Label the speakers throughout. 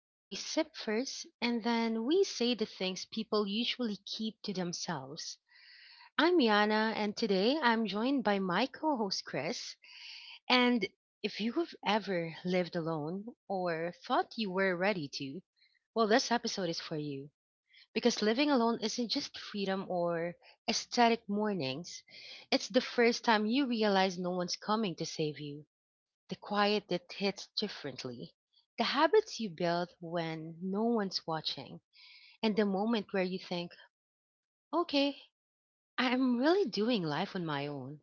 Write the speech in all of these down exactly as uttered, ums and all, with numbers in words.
Speaker 1: where we sip first and then we say the things people usually keep to themselves. I'm Yana, and today I'm joined by my co host Chris. And if you've ever lived alone or thought you were ready to, well, this episode is for you. Because living alone isn't just freedom or aesthetic mornings, it's the first time you realize no one's coming to save you. The quiet that hits differently. The habits you build when no one's watching. And the moment where you think, okay, I'm really doing life on my own.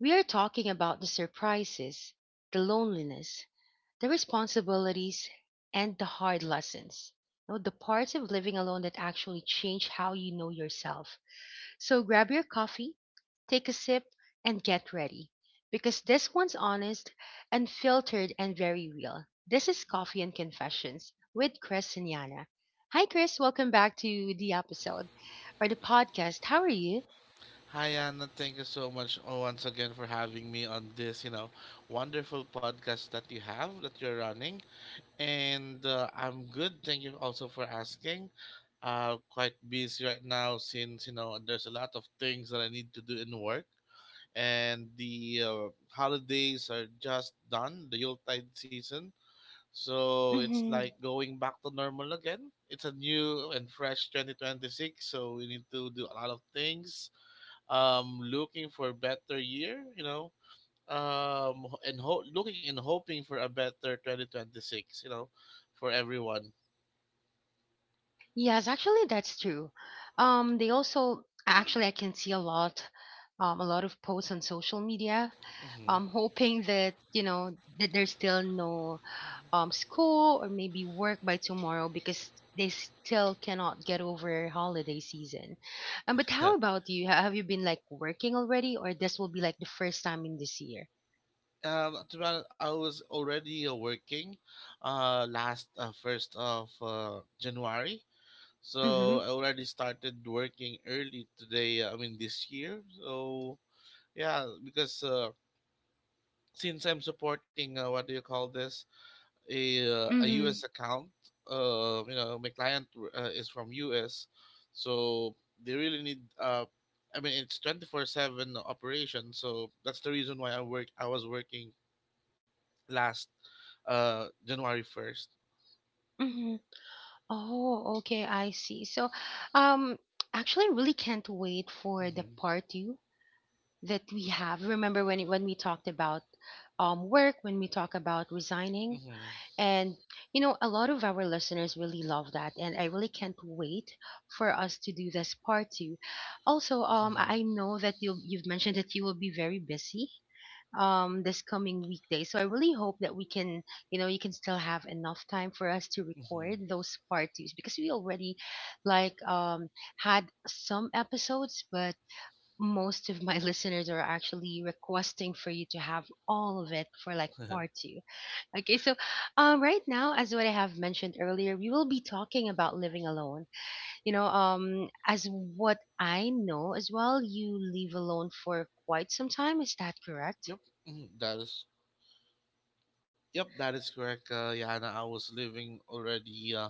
Speaker 1: We are talking about the surprises, the loneliness, the responsibilities and the hard lessons you know, the parts of living alone that actually change how you know yourself. So grab your coffee, take a sip, and get ready, because this one's honest, unfiltered, and very real. This is Coffee and Confessions with Chris and Yana. Hi Chris, welcome back to the episode, or the podcast. How are you?
Speaker 2: Hi Anna, thank you so much oh, once again for having me on this, you know, wonderful podcast that you have that you're running. And uh, I'm good. Thank you also for asking. Uh, quite busy right now since you know there's a lot of things that I need to do in work, and the uh, holidays are just done, the Yuletide season. So it's like going back to normal again. It's a new and fresh twenty twenty-six, so we need to do a lot of things, um looking for better year you know um and ho- Looking and hoping for a better twenty twenty-six, you know for everyone.
Speaker 1: Yes, actually, that's true. Um, they also actually I can see a lot, um, a lot of posts on social media,
Speaker 2: Hmm.
Speaker 1: um, hoping that you know that there's still no um school or maybe work by tomorrow, because they still cannot get over holiday season. Um, but how about you? Ha- Have you been like working already, or this will be like the first time in this year?
Speaker 2: Um to be honest, I was already uh, working uh last uh, first of uh, January, so
Speaker 1: Mm-hmm.
Speaker 2: I already started working early today uh, I mean this year, so yeah. Because uh since I'm supporting uh, what do you call this, a uh, a
Speaker 1: Mm-hmm.
Speaker 2: U S account. Uh, you know, my client uh, is from U S, so they really need. Uh, I mean, it's twenty four seven operation, so that's the reason why I work. I was working last uh January first.
Speaker 1: Oh, okay, I see. So, um, actually, I really can't wait for the
Speaker 2: Mm-hmm.
Speaker 1: part two that we have. Remember when it- when we talked about um work, when we talk about resigning,
Speaker 2: Mm-hmm.
Speaker 1: and you know, a lot of our listeners really love that, and I really can't wait for us to do this part two. Also, um, I
Speaker 2: Mm-hmm.
Speaker 1: I know that you you've mentioned that you will be very busy um this coming weekday, so I really hope that we can, you know you can still have enough time for us to record
Speaker 2: Hmm.
Speaker 1: those part twos, because we already like um had some episodes, but most of my listeners are actually requesting for you to have all of it for like part two. Okay, so um right now, as what I have mentioned earlier, we will be talking about living alone, you know um as what I know as well, you live alone for quite some time. Is that correct?
Speaker 2: Yep. Mhm, that is. Yep, that is correct, uh, Yana. I was living already. Uh,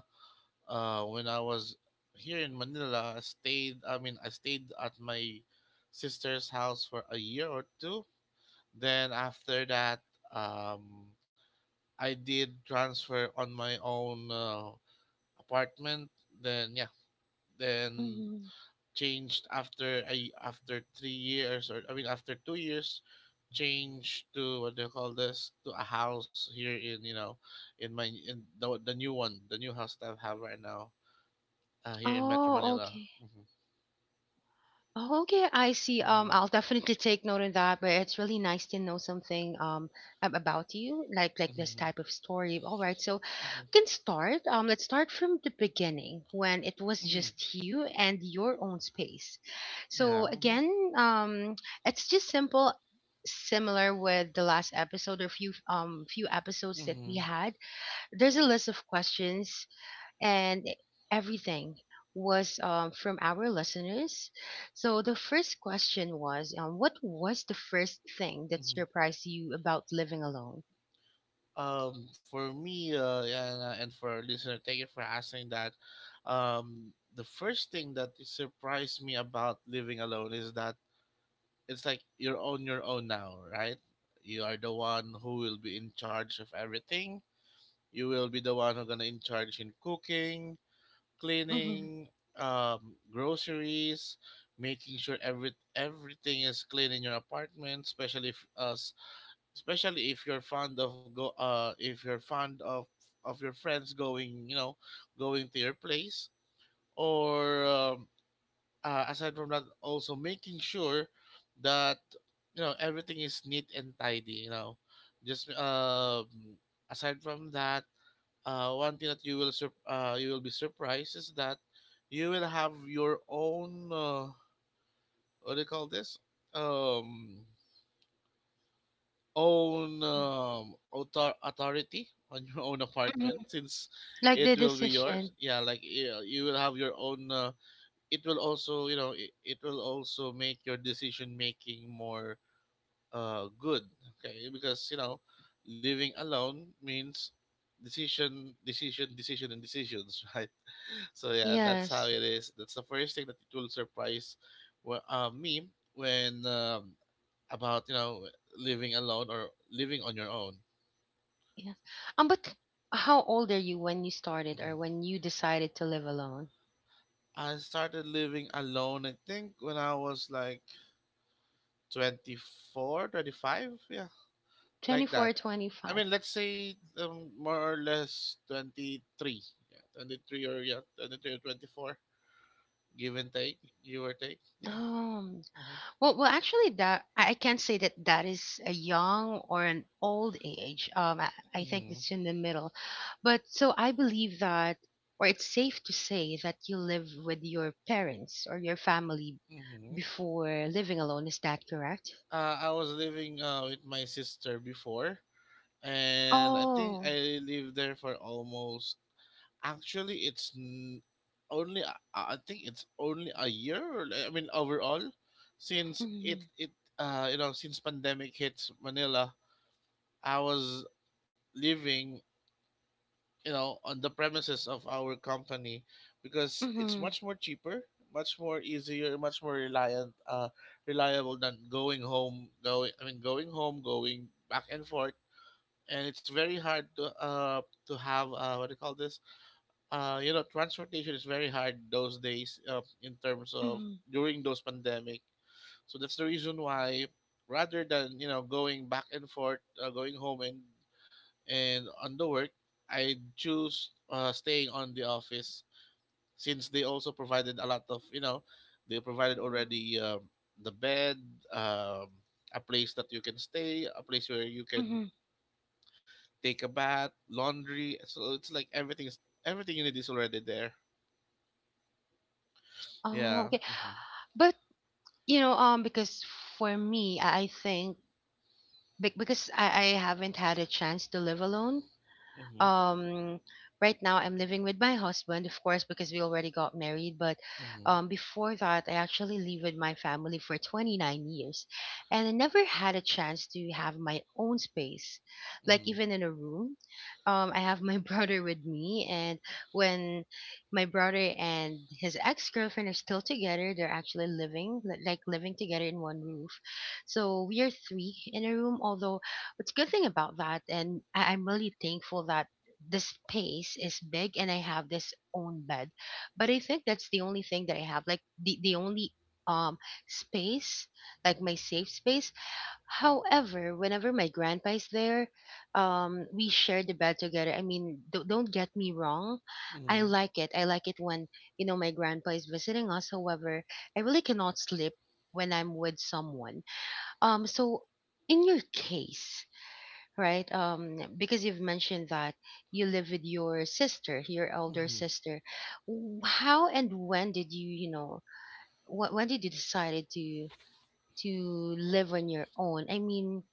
Speaker 2: uh, When I was here in Manila, I stayed. I mean, I stayed at my sister's house for a year or two. Then after that, um, I did transfer on my own uh, apartment. Then yeah, then changed after I after three years, or I mean after two years, changed to, what do you call this, to a house here in, you know in my in the, the new one the new house that I have right now, uh, here in Metro
Speaker 1: Oh,
Speaker 2: Manila.
Speaker 1: okay.
Speaker 2: Mm-hmm.
Speaker 1: Oh, okay, I see. Um,
Speaker 2: Mm-hmm.
Speaker 1: I'll definitely take note of that, but it's really nice to know something um ab- about you, like like this
Speaker 2: Mm-hmm.
Speaker 1: type of story. All right, so
Speaker 2: Mm-hmm.
Speaker 1: we can start. Um, let's start from the beginning when it was
Speaker 2: Mm-hmm.
Speaker 1: just you and your own space. So
Speaker 2: Yeah. Mm-hmm.
Speaker 1: again, um, it's just simple, similar with the last episode or few um few episodes that we
Speaker 2: Mm-hmm.
Speaker 1: had. There's a list of questions, and everything was, um, from our listeners. So the first question was, um, what was the first thing that
Speaker 2: Mm-hmm.
Speaker 1: surprised you about living alone?
Speaker 2: Um, for me, uh, yeah, and, uh, and for our listener, thank you for asking that. Um, the first thing that surprised me about living alone is that it's like you're on your own now, right? You are the one who will be in charge of everything. You will be the one who's gonna in charge in cooking,
Speaker 1: Hmm.
Speaker 2: cleaning, um, groceries, making sure every everything is clean in your apartment, especially if us, especially if you're fond of go, uh, if you're fond of of your friends going, you know, going to your place, or um, uh, aside from that, also making sure that you know everything is neat and tidy. You know, just um, aside from that, uh, one thing that you will sur- uh, you will be surprised is that you will have your own, uh, what do you call this, um own, um, author- authority on your own
Speaker 1: Hmm.
Speaker 2: apartment, since
Speaker 1: Like
Speaker 2: it
Speaker 1: the
Speaker 2: will be
Speaker 1: decision.
Speaker 2: yours. Yeah, like you you will have your own. Uh, it will also, you know, it, it will also make your decision making more, uh good, okay? Because you know living alone means decision decision decision and decisions, right? So yeah, that's how
Speaker 1: Yes.
Speaker 2: it is. That's the first thing that it will surprise wh- uh, me when um, about you know living alone or living on your own.
Speaker 1: Yeah. Um, but how old are you when you started
Speaker 2: Mhm.
Speaker 1: or when you decided to live alone?
Speaker 2: I started living alone, I think, when I was like twenty four, twenty five. Yeah,
Speaker 1: Twenty
Speaker 2: like
Speaker 1: four,
Speaker 2: that.
Speaker 1: twenty
Speaker 2: I
Speaker 1: five.
Speaker 2: mean, let's say um, more or less twenty-three, yeah, twenty-three, or yeah, twenty-three or twenty-four, give and take, give or take,
Speaker 1: Or
Speaker 2: yeah.
Speaker 1: oh, Well, well, actually, that I I can't say that that is a young or an old age. Um, I, I think
Speaker 2: Mm-hmm.
Speaker 1: it's in the middle. But so I believe that, or it's safe to say that you live with your parents or your family
Speaker 2: Mm-hmm.
Speaker 1: before living alone. Is that correct?
Speaker 2: Uh, I was living uh, with my sister before, and I think
Speaker 1: Oh.
Speaker 2: I lived there for almost. Actually, it's n- only, uh, uh, I think it's only a year. Or, I mean, overall, since it
Speaker 1: Mhm,
Speaker 2: it uh you know since pandemic hits Manila, I was living you know on the premises of our company, because it's
Speaker 1: mhm,
Speaker 2: much more cheaper, much more easier, much more reliant uh reliable, than going home going I mean going home, going back and forth. And it's very hard to uh to have, uh what do you call this, uh you know, transportation is very hard those days, uh, in terms of
Speaker 1: mhm,
Speaker 2: during those pandemic. So that's the reason why, rather than you know going back and forth, uh, going home and and on the work, I choose uh, staying on the office, since they also provided a lot of, you know, they provided
Speaker 1: mhm,
Speaker 2: already, um, the bed, um, a place that you can stay, a place where you can
Speaker 1: mhm.
Speaker 2: take a bath, laundry. So it's like everything is everything you need is already there.
Speaker 1: Oh,
Speaker 2: Yeah.
Speaker 1: okay.
Speaker 2: Mm-hmm.
Speaker 1: But, you know, um, because for me, I I think, be- because I, I haven't had a chance to live alone.
Speaker 2: Mm-hmm.
Speaker 1: um right now I'm living with my husband, of course, because we already got married, but
Speaker 2: Mm-hmm.
Speaker 1: um before that I actually lived with my family for twenty nine years, and I never had a chance to have my own space, like
Speaker 2: Mm-hmm.
Speaker 1: even in a room. um I have my brother with me, and when my brother and his ex-girlfriend are still together, they're actually living li- like living together in one roof. So we are three in a room. Although, what's good thing about that, and I, i'm really thankful that the space is big and I have this own bed. But I think that's the only thing that I have, like the, the, only um space, like my safe space. However, whenever my grandpa is there, um, we share the bed together. I mean, do don't get me wrong, I
Speaker 2: Mm-hmm.
Speaker 1: like it. I like it when you know my grandpa is visiting us. However, I really cannot sleep when I'm with someone. Um, so in your case, right? Um, because you've mentioned that you live with your sister, your elder
Speaker 2: Mm-hmm.
Speaker 1: sister. W- How and when did you, you know, wh- when did you decided to, to live on your own. I mean,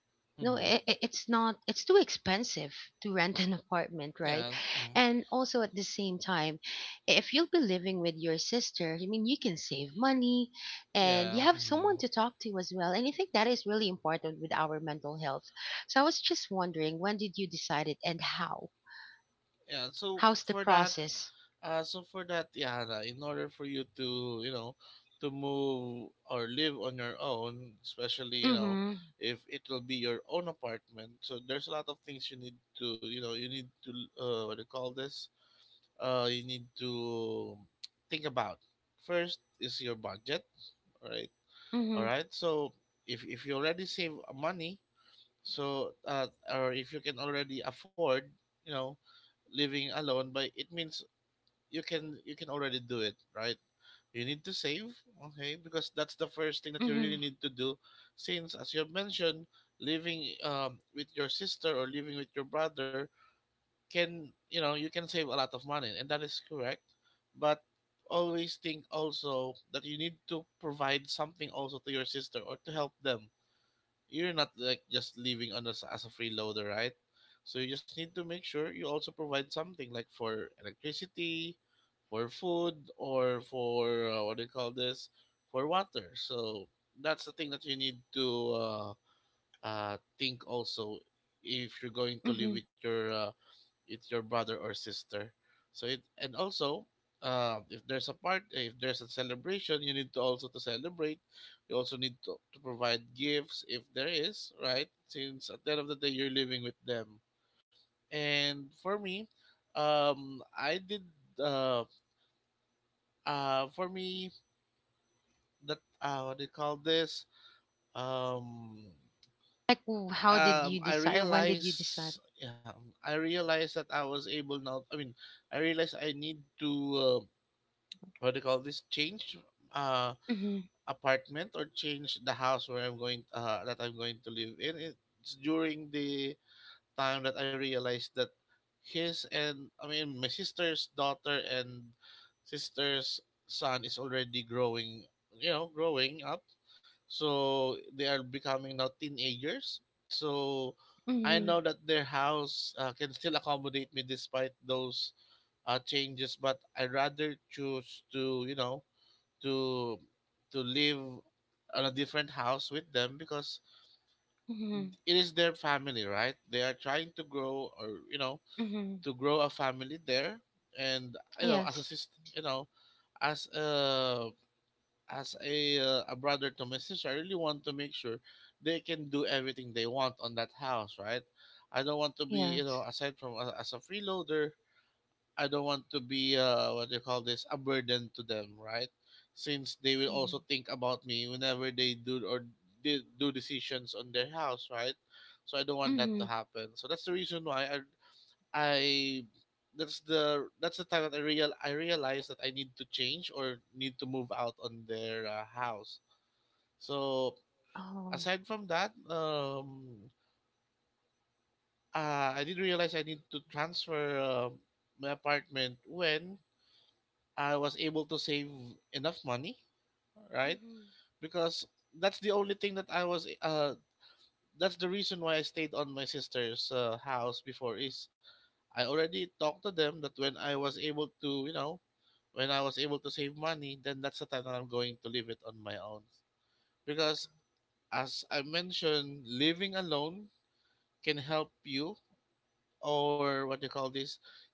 Speaker 1: no,
Speaker 2: Mm-hmm.
Speaker 1: it, it's not. It's too expensive to rent an apartment, right?
Speaker 2: yeah mm-hmm.
Speaker 1: And also at the same time, if you'll be living with your sister, I mean, you can save money, and you
Speaker 2: Yeah.
Speaker 1: have
Speaker 2: Mm-hmm.
Speaker 1: someone to talk to as well. And I think that is really important with our mental health. So I was just wondering, when did you decide it, and how?
Speaker 2: Yeah. so
Speaker 1: How's the
Speaker 2: for that
Speaker 1: process?
Speaker 2: Uh, so for that, Yana, in order for you to, you know, to move or live on your own, especially, you know,
Speaker 1: Mhm.
Speaker 2: if it will be your own apartment, so there's a lot of things you need to, you know, you need to, uh, what do you call this? Uh, you need to think about. First is your budget, right? All
Speaker 1: Mhm.
Speaker 2: right. So if if you already save money, so uh, or if you can already afford, you know, living alone, but it means you can you can already do it, right? You need to save, okay? Because that's the first thing that you really
Speaker 1: Mhm.
Speaker 2: need to do, since as you have mentioned, living um, with your sister or living with your brother can, you know, you can save a lot of money, and that is correct. But always think also that you need to provide something also to your sister or to help them. You're not like just living on as, as a freeloader, right? So you just need to make sure you also provide something like for electricity, for food, or for, uh, what do you call this, for water. So that's the thing that you need to, uh, uh, think also, if you're going to live
Speaker 1: Mhm.
Speaker 2: with your, uh, it's your brother or sister. So it and also, uh, if there's a part if there's a celebration, you need to also to celebrate. You also need to, to provide gifts if there is, right? Since at the end of the day you're living with them. And for me, um, I did, uh, uh, for me, that, uh, what do you call this? Um,
Speaker 1: Like, w- how did
Speaker 2: um,
Speaker 1: you
Speaker 2: I
Speaker 1: decide? Or when did you decide?
Speaker 2: realized, yeah, I realized that I was able now. I mean, I realized I need to, uh, what do you call this, change, uh
Speaker 1: Mhm.
Speaker 2: apartment, or change the house where I'm going uh, that I'm going to live in. It's during the time that I realized that his and I mean my sister's daughter and sister's son is already growing, you know, growing up. So they are becoming now teenagers. So I know that their house, uh, can still accommodate me despite those, uh, changes, but I rather choose to, you know, to to live on a different house with them, because
Speaker 1: Mhm.
Speaker 2: it is their family, right? They are trying to grow, or you know,
Speaker 1: Mm-hmm.
Speaker 2: to grow a family there. And you know, as a
Speaker 1: Yes.
Speaker 2: sister you know as a as a, uh, a brother to my sister, I really want to make sure they can do everything they want on that house, right? I don't want to be, you know,
Speaker 1: Yes.
Speaker 2: aside from a, as a freeloader, I don't want to be, uh what do you call this, a burden to them, right? Since they will
Speaker 1: Mm-hmm.
Speaker 2: also think about me whenever they do or they do decisions on their house, right? So I don't want that
Speaker 1: Mm-hmm.
Speaker 2: to happen. So that's the reason why I I that's the that's the time that I real I realized that I need to change or need to move out on their, uh, house. So
Speaker 1: Oh.
Speaker 2: aside from that, um, uh, I did realize I need to transfer, uh, my apartment when I was able to save enough money, right?
Speaker 1: Mm-hmm.
Speaker 2: Because that's the only thing that I was uh that's the reason why I stayed on my sister's, uh, house before is I already talked to them that when I was able to, you know, when I was able to save money, then that's the time that I'm going to leave it on my own. Because as I mentioned, living alone can help you, or what do you call this,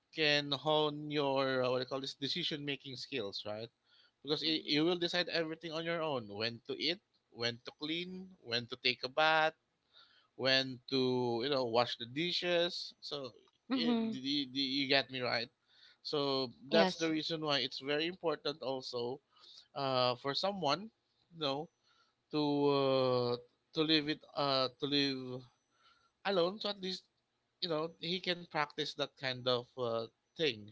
Speaker 2: can hone your uh, what do you call this decision making skills, right? Because y-
Speaker 1: Mm-hmm.
Speaker 2: you will decide everything on your own. When to eat, when to clean, when to take a bath, when to you know wash the dishes. So it,
Speaker 1: Mm-hmm.
Speaker 2: d- d- d- you get me, right? So that's
Speaker 1: Yes.
Speaker 2: the reason why it's very important also, uh, for someone, you know, to uh, to live it uh, to live alone, so at least, you know, he can practice that kind of uh, thing,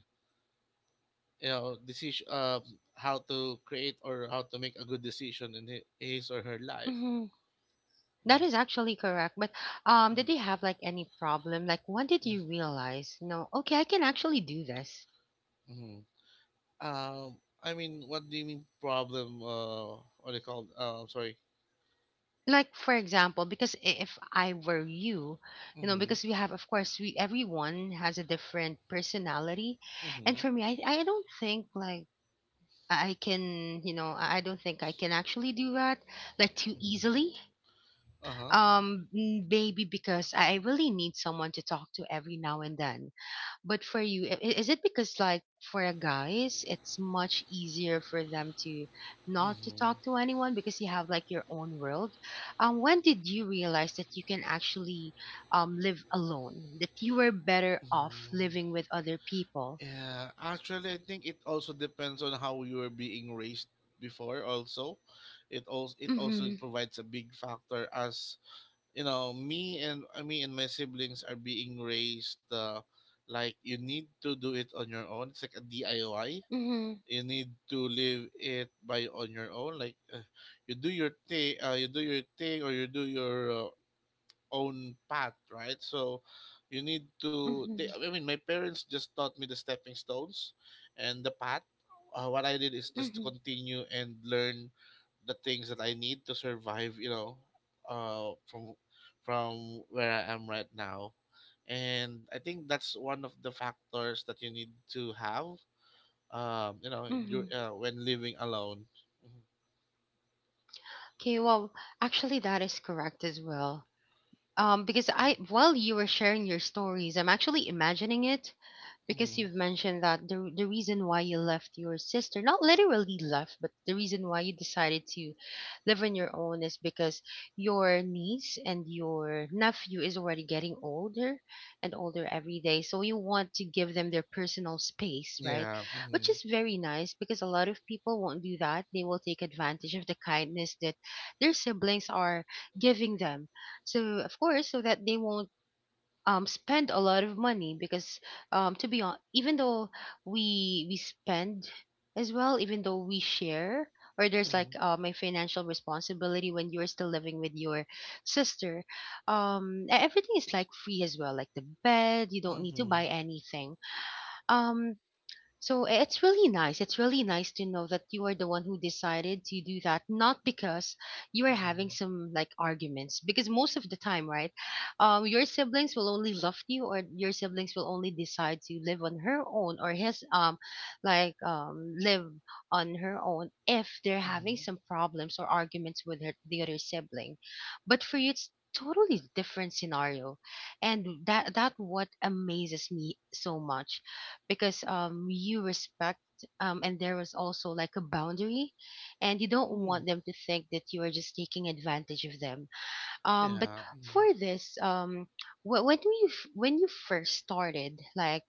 Speaker 2: you know decision, um, how to create or how to make a good decision in hi- his or her life.
Speaker 1: Mm-hmm. That
Speaker 2: Hmm.
Speaker 1: is actually correct. But, um, did they have like any problem? Like, when did you
Speaker 2: Hmm.
Speaker 1: realize, you know, okay, I can actually do this?
Speaker 2: Hmm. um I mean, what do you mean, problem? Uh what they called, uh, I'm sorry.
Speaker 1: Like, for example, because i- if I were you, you know,
Speaker 2: Mm-hmm.
Speaker 1: because we have, of course, we everyone has a different personality,
Speaker 2: Mm-hmm.
Speaker 1: and for me, I I don't think like I I can, you know, I I don't think I can actually do that like too
Speaker 2: Mm-hmm.
Speaker 1: easily.
Speaker 2: Uh-huh.
Speaker 1: Um, mm, maybe because I I really need someone to talk to every now and then. But for you, i- i- is it because like for a guys, it's much easier for them to not to talk to
Speaker 2: Mm-hmm.
Speaker 1: anyone because you have like your own world? Um, when did you realize that you can actually um live alone? That you were better off
Speaker 2: Mm-hmm.
Speaker 1: living with other people?
Speaker 2: Yeah, actually, I think it also depends on how you were being raised before. Also, it also it also
Speaker 1: Mm-hmm.
Speaker 2: provides a big factor. As you know, me and uh, me and my siblings are being raised, uh, like, you need to do it on your own. It's like a D I Y.
Speaker 1: Mm-hmm.
Speaker 2: You need to live it by on your own. Like, uh, you do your thing, uh, you do your thing, or you do your uh, own path, right? So you need to. They,
Speaker 1: Mm-hmm.
Speaker 2: I mean, my parents just taught me the stepping stones and the path. Uh, what I did is just to
Speaker 1: Mm-hmm.
Speaker 2: continue and learn the things that I need to survive. You know, uh, from from where I am right now, and I think that's one of the factors that you need to have. Um, you know, dur-
Speaker 1: Mm-hmm.
Speaker 2: uh, when living alone. Mhm.
Speaker 1: Okay, well, actually that is correct as well. Um, because I
Speaker 2: Mhm.
Speaker 1: while you were sharing your stories, I'm actually imagining it, because
Speaker 2: Mhm.
Speaker 1: you've mentioned that the the reason why you left your sister, not literally left, but the reason why you decided to live on your own is because your niece and your nephew is already getting older and older every day. So you want to give them their personal space, right?
Speaker 2: Yeah.
Speaker 1: Which
Speaker 2: Mm-hmm.
Speaker 1: is very nice, because a lot of people won't do that. They will take advantage of the kindness that their siblings are giving them. So of course, so that they won't, um, spend a lot of money. Because, um, to be honest, even though we we spend as well, even though we share, or there's like
Speaker 2: Mm-hmm.
Speaker 1: um, a financial responsibility when you're still living with your sister, um, e- everything is like free as well, like the bed, you don't need to
Speaker 2: Mm-hmm.
Speaker 1: buy anything. Um, so i- it's really nice. It's really nice to know that you are the one who decided to do that, not because you are
Speaker 2: Mm-hmm.
Speaker 1: having some like arguments. Because most of the time, right, um, your siblings will only love you, or your siblings will only decide to live on her own or his um, like um, live on her own if they're having
Speaker 2: Mm-hmm.
Speaker 1: some problems or arguments with her, the other sibling. But for you, it's totally different scenario, and that that what amazes me so much, because um you respect, um and there was also like a boundary, and you don't
Speaker 2: Mm,
Speaker 1: want them to think that you are just taking advantage of them. Um but
Speaker 2: yeah. Mm,
Speaker 1: for this um wh- when we f- when you first started, like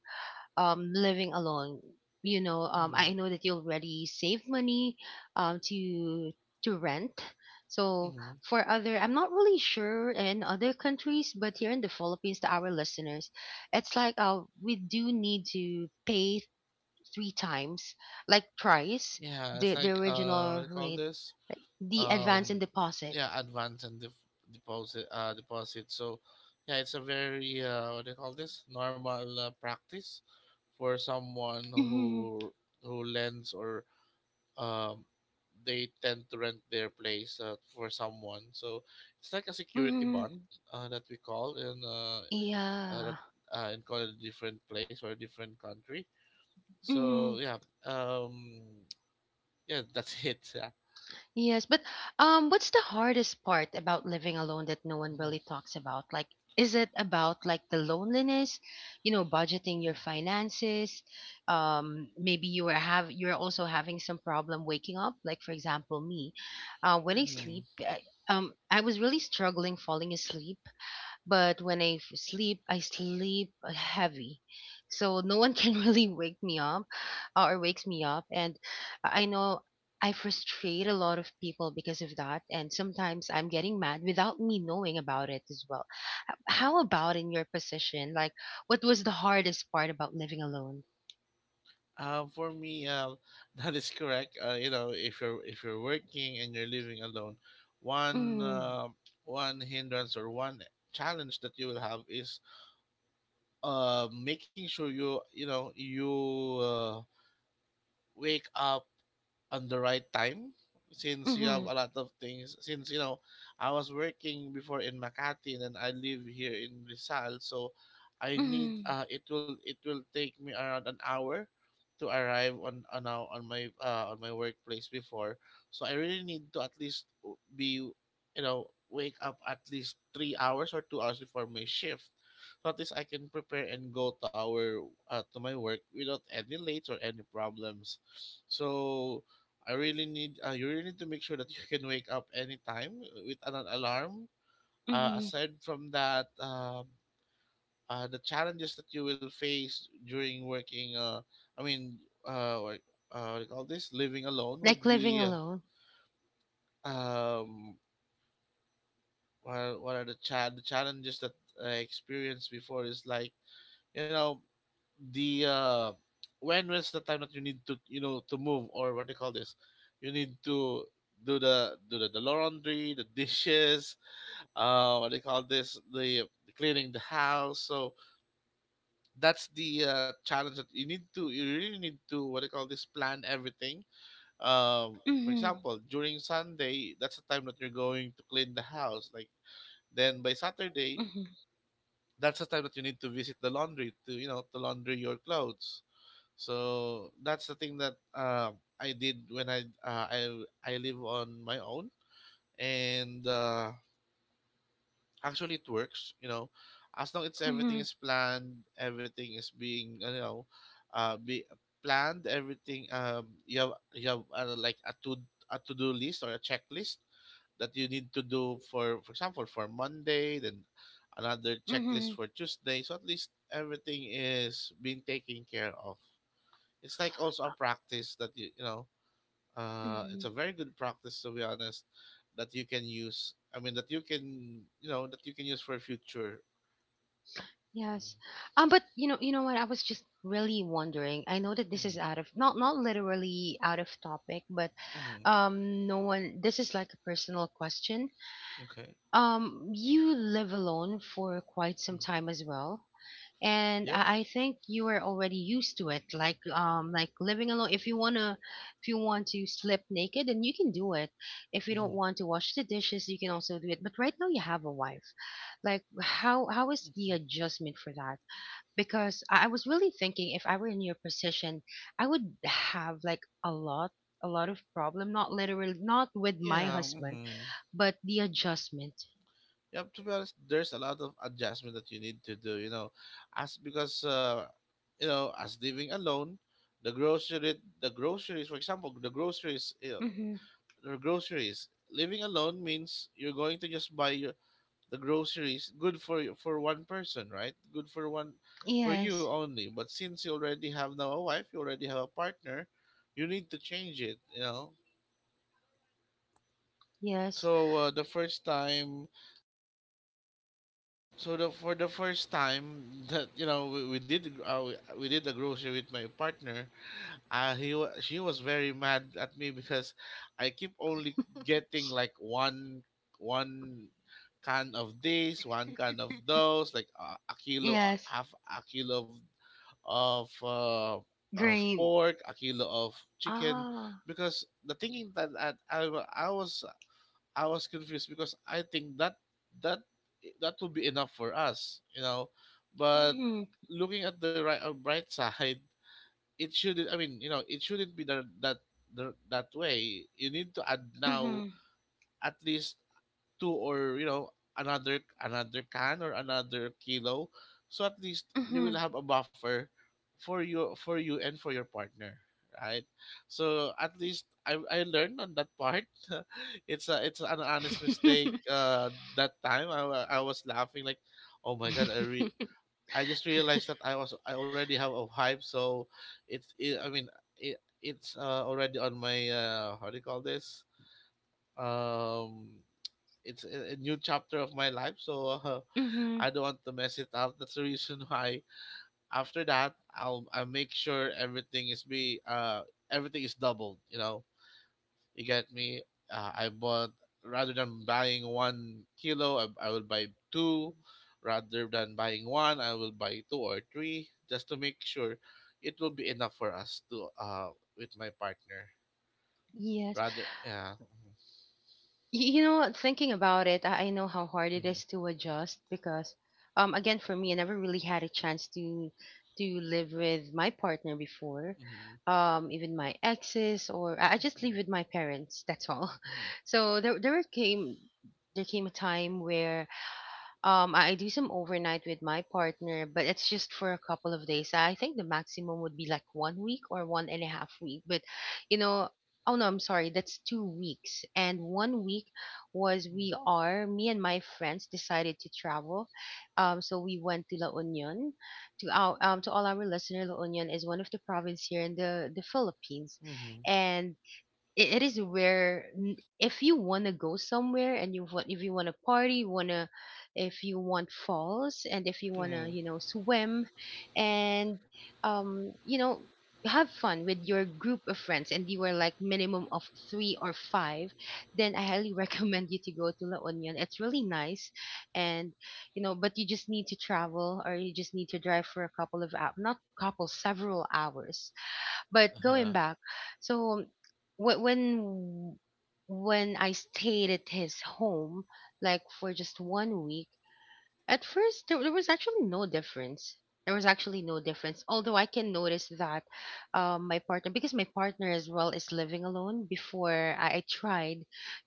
Speaker 1: um living alone, you know um
Speaker 2: mm,
Speaker 1: I know that you already saved money, um to to rent. So
Speaker 2: mm.
Speaker 1: for other, I'm not really sure in other countries, but here in the Philippines, to our listeners, it's like uh we do need to pay three times, like price,
Speaker 2: Yeah, it's
Speaker 1: the the
Speaker 2: like, uh, what do
Speaker 1: original
Speaker 2: you call
Speaker 1: rate,
Speaker 2: this?
Speaker 1: like the advance and
Speaker 2: Um,
Speaker 1: deposit.
Speaker 2: yeah, advance and def- deposit. Uh, deposit. So, yeah, it's a very uh, what do you call this? Normal uh, practice for someone
Speaker 1: Hmm.
Speaker 2: who who lends, or um, they tend to rent their place, uh, for someone. So it's like a security
Speaker 1: Hmm.
Speaker 2: bond, uh, that we call in, uh, uh,
Speaker 1: Yeah.
Speaker 2: that uh, in call, a different place or a different country.
Speaker 1: Hmm.
Speaker 2: So yeah, um, yeah, that's it. Yeah.
Speaker 1: Yes, but, um, what's the hardest part about living alone that no one really
Speaker 2: Mhm.
Speaker 1: talks about? Like, is it about like the loneliness, you know, budgeting your finances? Um, maybe you are have you're also having some problem waking up. Like for example, me, uh, when I sleep,
Speaker 2: Mm-hmm.
Speaker 1: I, um, I was really struggling falling asleep. But when I f- sleep, I sleep heavy. So no one can really wake me up, uh, or wakes me up. And I know I frustrate a lot of people because of that. And sometimes I'm getting mad without me knowing about it as well. H- How about in your position? Like, what was the hardest part about living alone?
Speaker 2: Uh, for me, uh, that is correct. Uh, you know, if you're if you're working and you're living alone, one
Speaker 1: Mm
Speaker 2: uh, one hindrance or one challenge that you will have is, uh, making sure you you know you uh, wake up on the right time, since you have
Speaker 1: mm-hmm,
Speaker 2: a lot of things. Since you know I was working before in Makati, and then I live here in Rizal, so I need
Speaker 1: mm-hmm,
Speaker 2: uh it will it will take me around an hour to arrive on on now on my uh, on my workplace before. So I really need to at least be you know wake up at least three hours or two hours before my shift. So at least I can prepare and go to our uh, to my work without any late or any problems. So I really need uh, you really need to make sure that you can wake up anytime, with an alarm. Uh,
Speaker 1: mm-hmm.
Speaker 2: aside from that, um uh, the challenges that you will face during working, uh, I mean, uh, what, uh, what do you call this, living alone,
Speaker 1: Like
Speaker 2: would
Speaker 1: living
Speaker 2: be, uh,
Speaker 1: alone.
Speaker 2: um, what, what are the, cha- the challenges that I experienced before? Is like, you know the uh, when was the time that you need to, you know to move, or what do you call this? You need to do the do the, the laundry, the dishes, uh what do you call this, the, the cleaning, the house. So that's the, uh, challenge that you need to you really need to, what do you call this, plan everything. Um for
Speaker 1: Mm-hmm,
Speaker 2: example, during Sunday, that's the time that you're going to clean the house. Like, then, by Saturday,
Speaker 1: mm-hmm,
Speaker 2: that's the time that you need to visit the laundry, to you know to launder your clothes. So that's the thing that um I did when I uh, I I live on my own. And, uh, actually, it works, you know as long as everything
Speaker 1: mm-hmm,
Speaker 2: is planned, everything is being, uh, you know uh be planned, everything. Um you have you have uh, like, a to a to-do list or a checklist that you need to do for, for example, for Monday. Then another checklist for Tuesday, so at least everything is being taken care of. It's like also a practice that you you know uh, it's
Speaker 1: mm-hmm,
Speaker 2: a very good practice, to be honest, that you can use. I mean, that you can, you know, that you can use for future.
Speaker 1: Yes. Um, but you know, you know what? I was just really wondering. I know that this is out of not not literally out of topic, but um, no one. This is like a personal question. Um, you live alone for quite some time as well, and
Speaker 2: Yep.
Speaker 1: I, I think you are already used to it. Like um, like living alone. If you wanna, if you want to slip naked, then you can do it. If you don't want to wash the dishes, you can also do it. But right now, you have a wife. Like, how how is the
Speaker 2: Hmm.
Speaker 1: adjustment for that? Because I I was really thinking if I were in your position, I would have like a lot a lot of problem not literally not with my
Speaker 2: Yeah.
Speaker 1: husband
Speaker 2: Hmm.
Speaker 1: but the adjustment.
Speaker 2: Yep. To be honest, there's a lot of adjustment that you need to do. You know, as because uh, you know, as living alone, the grocery, the groceries, for example, the groceries, you know,
Speaker 1: Hmm
Speaker 2: the groceries. Living alone means you're going to just buy your the groceries good for you, for one person, right? Good for one, for you
Speaker 1: yes
Speaker 2: only. But since you already have now a wife, you already have a partner, you need to change it, you know
Speaker 1: yes
Speaker 2: so, uh, the first time. So the for the first time that you know we, we did uh, we, we did the grocery with my partner, uh, he wa- she was very mad at me because I keep only getting, like, one one can of this, one can of those, like, uh, a kilo, uh,
Speaker 1: yes
Speaker 2: half a kilo of of, uh, of
Speaker 1: green
Speaker 2: pork, a kilo of chicken,
Speaker 1: ah
Speaker 2: because the thinking that, that I wa- I was I was confused, because I think that that that would be enough for us, you know. But
Speaker 1: mm-hmm,
Speaker 2: looking at the right uh, bright side, it shouldn't. I mean, you know, it shouldn't be that that the- that way. You need to add now,
Speaker 1: mm-hmm,
Speaker 2: at least two, or, you know another another can or another kilo, so at least you
Speaker 1: mm-hmm.
Speaker 2: will have a buffer for you for you and for your partner, right? So at least, i, I learned on that part. It's a it's an honest mistake. Uh that time, i, wa- I was laughing like, oh my god, i re- I just realized that i was I already have a hype, so it's, it, I mean it, it's uh, already on my, uh how do you call this? um it's a, a new chapter of my life, so, uh, I don't want to mess it up. That's the reason why, after that, i'll i make sure everything is be uh everything is doubled, you know you get me? uh, I bought, rather than buying one kilo, I, I will buy two. Rather than buying one, I will buy two or three, just to make sure it will be enough for us to uh with my partner,
Speaker 1: mm-hmm.
Speaker 2: rather. Yeah.
Speaker 1: Y- You know, what, thinking about it, I I know how hard it is to adjust because, um, again, for me, I never really had a chance to to live with my partner before, um, even my exes, or I I just live with my parents. That's all. So there, there came there came a time where um, I I do some overnight with my partner, but it's just for a couple of days. I think the maximum would be like one week or one and a half week. But, you know, oh no, I'm sorry, that's two weeks. And one week was we are, me and my friends decided to travel. Um, so we went to La Union. To our, um, to all our listener, La Union is one of the province here in the, the Philippines. And it, it is where n- if you want to go somewhere and you want if you want to party you want to if you want falls and if you want to
Speaker 2: Mm-hmm.
Speaker 1: you know swim and um you know have fun with your group of friends, and you are like minimum of three or five, then I highly recommend you to go to La Union. It's really nice. And you know, but you just need to travel or you just need to drive for a couple of hours, not couple several hours. But going
Speaker 2: Uh-huh.
Speaker 1: back, so wh- when when I stayed at his home, like for just one week, at first, there, there was actually no difference. There was actually no difference. Although I can notice that um, my partner, because my partner as well is living alone, before I, I tried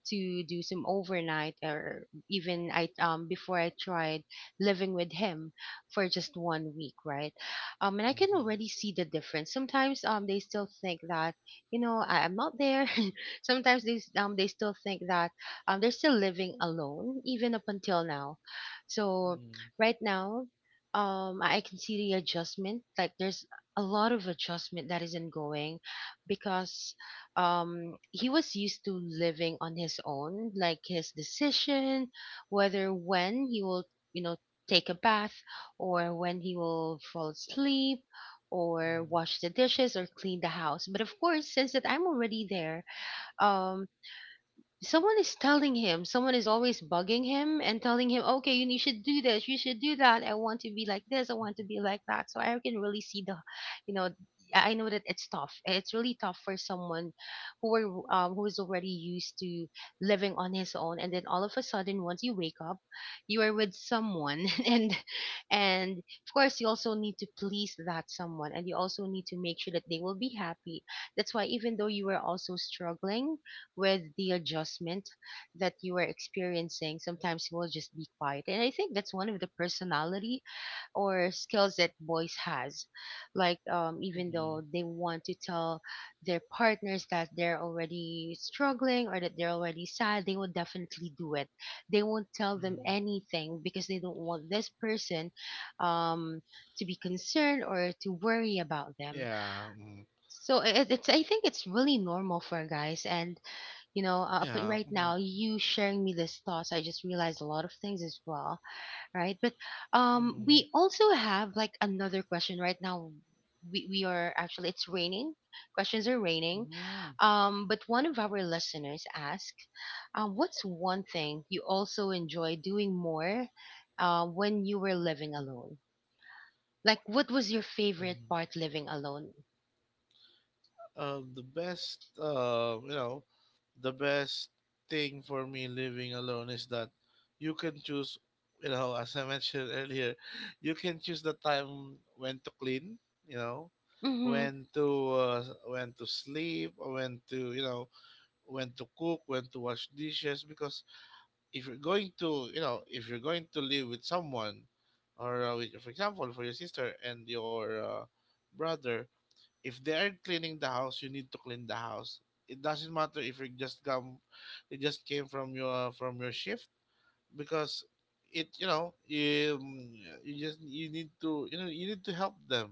Speaker 1: to do some overnight, or even I um, before I tried living with him for just one week, right? Um, and I can already see the difference. Sometimes um, they still think that you know I, I'm not there. Sometimes they s- um, they still think that um, they're still living alone, even up until now. So right now, um, I can see the adjustment. Like there's a lot of adjustment that is ongoing because um, he was used to living on his own, like his decision, whether when he will, you know, take a bath, or when he will fall asleep, or wash the dishes or clean the house. But of course, since that I'm already there, um, someone is telling him, someone is always bugging him and telling him, okay, you you should do this, you should do that. I want to be like this, I want to be like that. So I can really see the, you know, I I know that it's tough. It's really tough for someone who are um, who is already used to living on his own, and then all of a sudden, once you wake up, you are with someone, and and of course, you also need to please that someone, and you also need to make sure that they will be happy. That's why even though you were also struggling with the adjustment that you are experiencing, sometimes you will just be quiet. And I think that's one of the personality or skills that boys has. Like um, even though they want to tell their partners that they're already struggling or that they're already sad, they will definitely do it. They won't tell them anything because they don't want this person um, to be concerned or to worry about them. So it, it's I think it's really normal for guys, and you know, uh, up right now, you sharing me this thoughts, I just realized a lot of things as well, right? But um, we also have like another question right now. We we are actually it's raining. Questions are raining. Um, but one of our listeners asked, uh, "What's one thing you also enjoy doing more uh, when you were living alone? Like, what was your favorite part living alone?"
Speaker 2: Um, the best, uh, you know, the best thing for me living alone is that you can choose, you know, as I mentioned earlier. You can choose the time when to clean, you know,
Speaker 1: Mhm,
Speaker 2: when to, uh, when to sleep, or when to, you know when to cook, when to wash dishes. Because if you're going to, you know, if you're going to live with someone, or, uh, with, for example, for your sister and your, uh, brother, if they are cleaning the house, you need to clean the house. It doesn't matter if you just come, it just came from your from your shift, because it you know you, you just you need to you know you need to help them.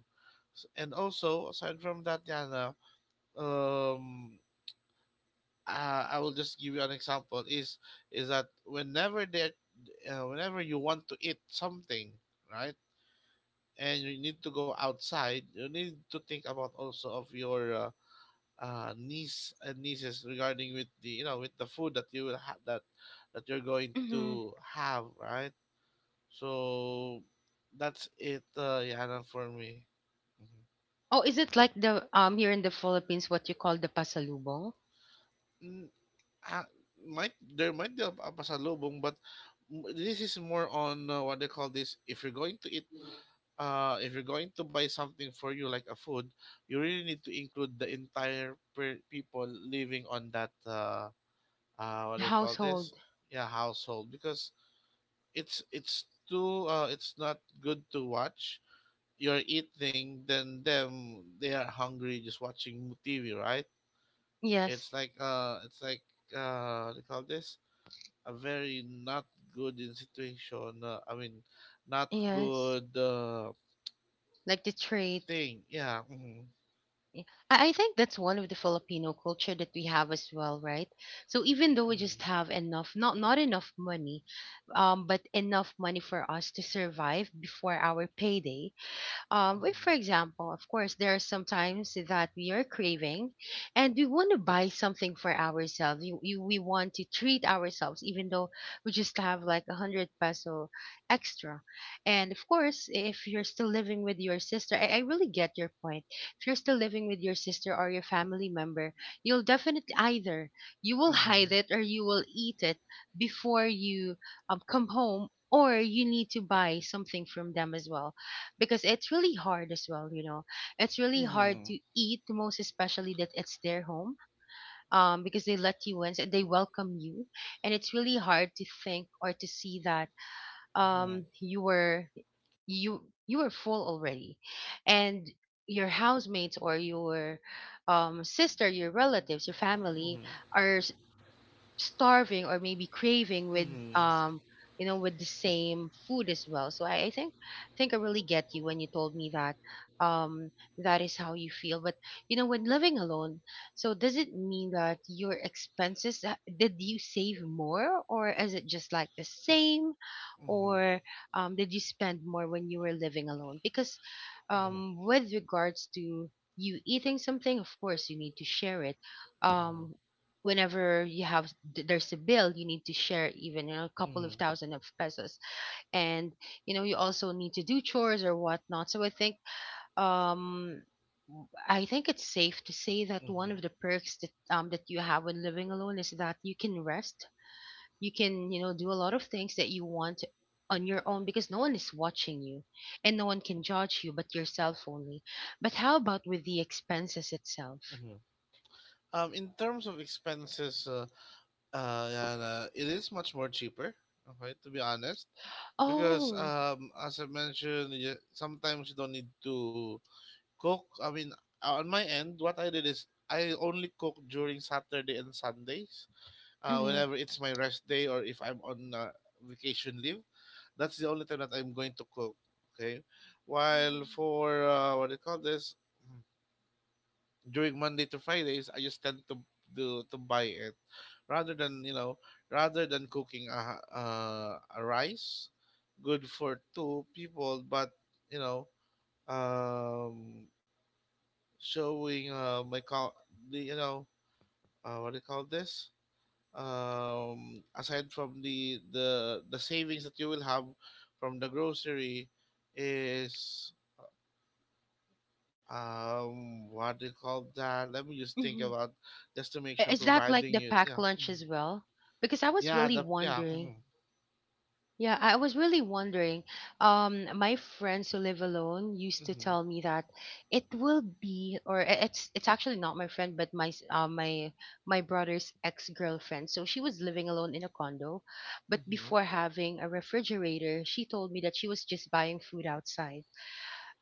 Speaker 2: S- And also, aside from that, Yana, um, I, I will just give you an example. Is is that whenever they uh, whenever you want to eat something, right? And you need to go outside. You need to think about also of your, uh, uh, niece and nieces, regarding with the, you know with the food that you will have that that you're going
Speaker 1: mhm.
Speaker 2: to have, right? So that's it, uh, Yana, for me.
Speaker 1: Oh, is it like the um here in the Philippines what you call the pasalubong?
Speaker 2: Mm. Ah, might there might be a a pasalubong, but m- this is more on, uh, what they call this. If you're going to eat, uh if you're going to buy something for you, like a food, you really need to include the entire per- people living on that, uh uh what
Speaker 1: The
Speaker 2: they call this.
Speaker 1: household.
Speaker 2: Yeah, household, because it's it's too uh, it's not good to watch. You're eating, then them, they are hungry, just watching T V, right? It's
Speaker 1: Yes.
Speaker 2: like uh, it's like uh, what do you call this? A very not good in situation. Uh, I mean, not
Speaker 1: Yes.
Speaker 2: good, uh,
Speaker 1: Like the trait.
Speaker 2: thing. Yeah.
Speaker 1: Yeah. I, I think that's one of the Filipino culture that we have as well, right? So even though we just have enough not not enough money, um, but enough money for us to survive before our payday, um, if for example of course there are sometimes that we are craving and we want to buy something for ourselves you, you, we want to treat ourselves even though we just have like a hundred peso extra, and of course if you're still living with your sister, I, I really get your point. If you're still living with your sister or your family member, you'll definitely either you will hide it or you will eat it before you um, come home, or you need to buy something from them as well, because it's really hard as well, you know, it's really hard to eat most especially that it's their home, um because they let you in, so they welcome you, and it's really hard to think or to see that um you were you you were full already, and your housemates or your um, sister your relatives your family are starving or maybe craving with um you know with the same food as well. So I, I think think I really get you when you told me that um that is how you feel. But you know, when living alone, so does it mean that your expenses uh, did you save more, or is it just like the same, or um did you spend more when you were living alone? Because um with regards to you eating something, of course you need to share it. um Whenever you have th- there's a bill you need to share, even you know a couple of thousand of pesos, and you know you also need to do chores or whatnot. So i think um I think it's safe to say that one of the perks that um that you have when living alone is that you can rest. You can, you know, do a lot of things that you want on your own because no one is watching you, and no one can judge you but yourself only. But how about with the expenses itself?
Speaker 2: Um, in terms of expenses, uh, uh, yeah, uh, it is much more cheaper. Okay, to be honest, because
Speaker 1: Oh.
Speaker 2: um as I mentioned, you, sometimes you don't need to cook. I mean, uh, on my end, what I did is I only cook during Saturday and Sundays. Uh,
Speaker 1: Mm-hmm.
Speaker 2: whenever it's my rest day, or if I'm on uh, vacation leave, that's the only time that I'm going to cook. Okay. While
Speaker 1: mm
Speaker 2: for uh, what do you call this, during Monday to Fridays, I just tend to do to buy it rather than you know rather than cooking a a, a rice good for two people, but you know um showing uh, my call the you know uh, what do you call this um aside from the the the savings that you will have from the grocery is um what do you call that, let me just think
Speaker 1: hmm
Speaker 2: about, just to make
Speaker 1: I-
Speaker 2: sure
Speaker 1: Is that like
Speaker 2: providing
Speaker 1: the
Speaker 2: you you
Speaker 1: packed
Speaker 2: know
Speaker 1: lunch as well? Because I was
Speaker 2: Yeah,
Speaker 1: really
Speaker 2: the yeah.
Speaker 1: wondering. Yeah, I was really wondering. Um, my friends who live alone used to tell me that it will be, or I- it's it's actually not my friend, but my s- uh, my my brother's ex girlfriend. So she was living alone in a condo, but before having a refrigerator, she told me that she was just buying food outside.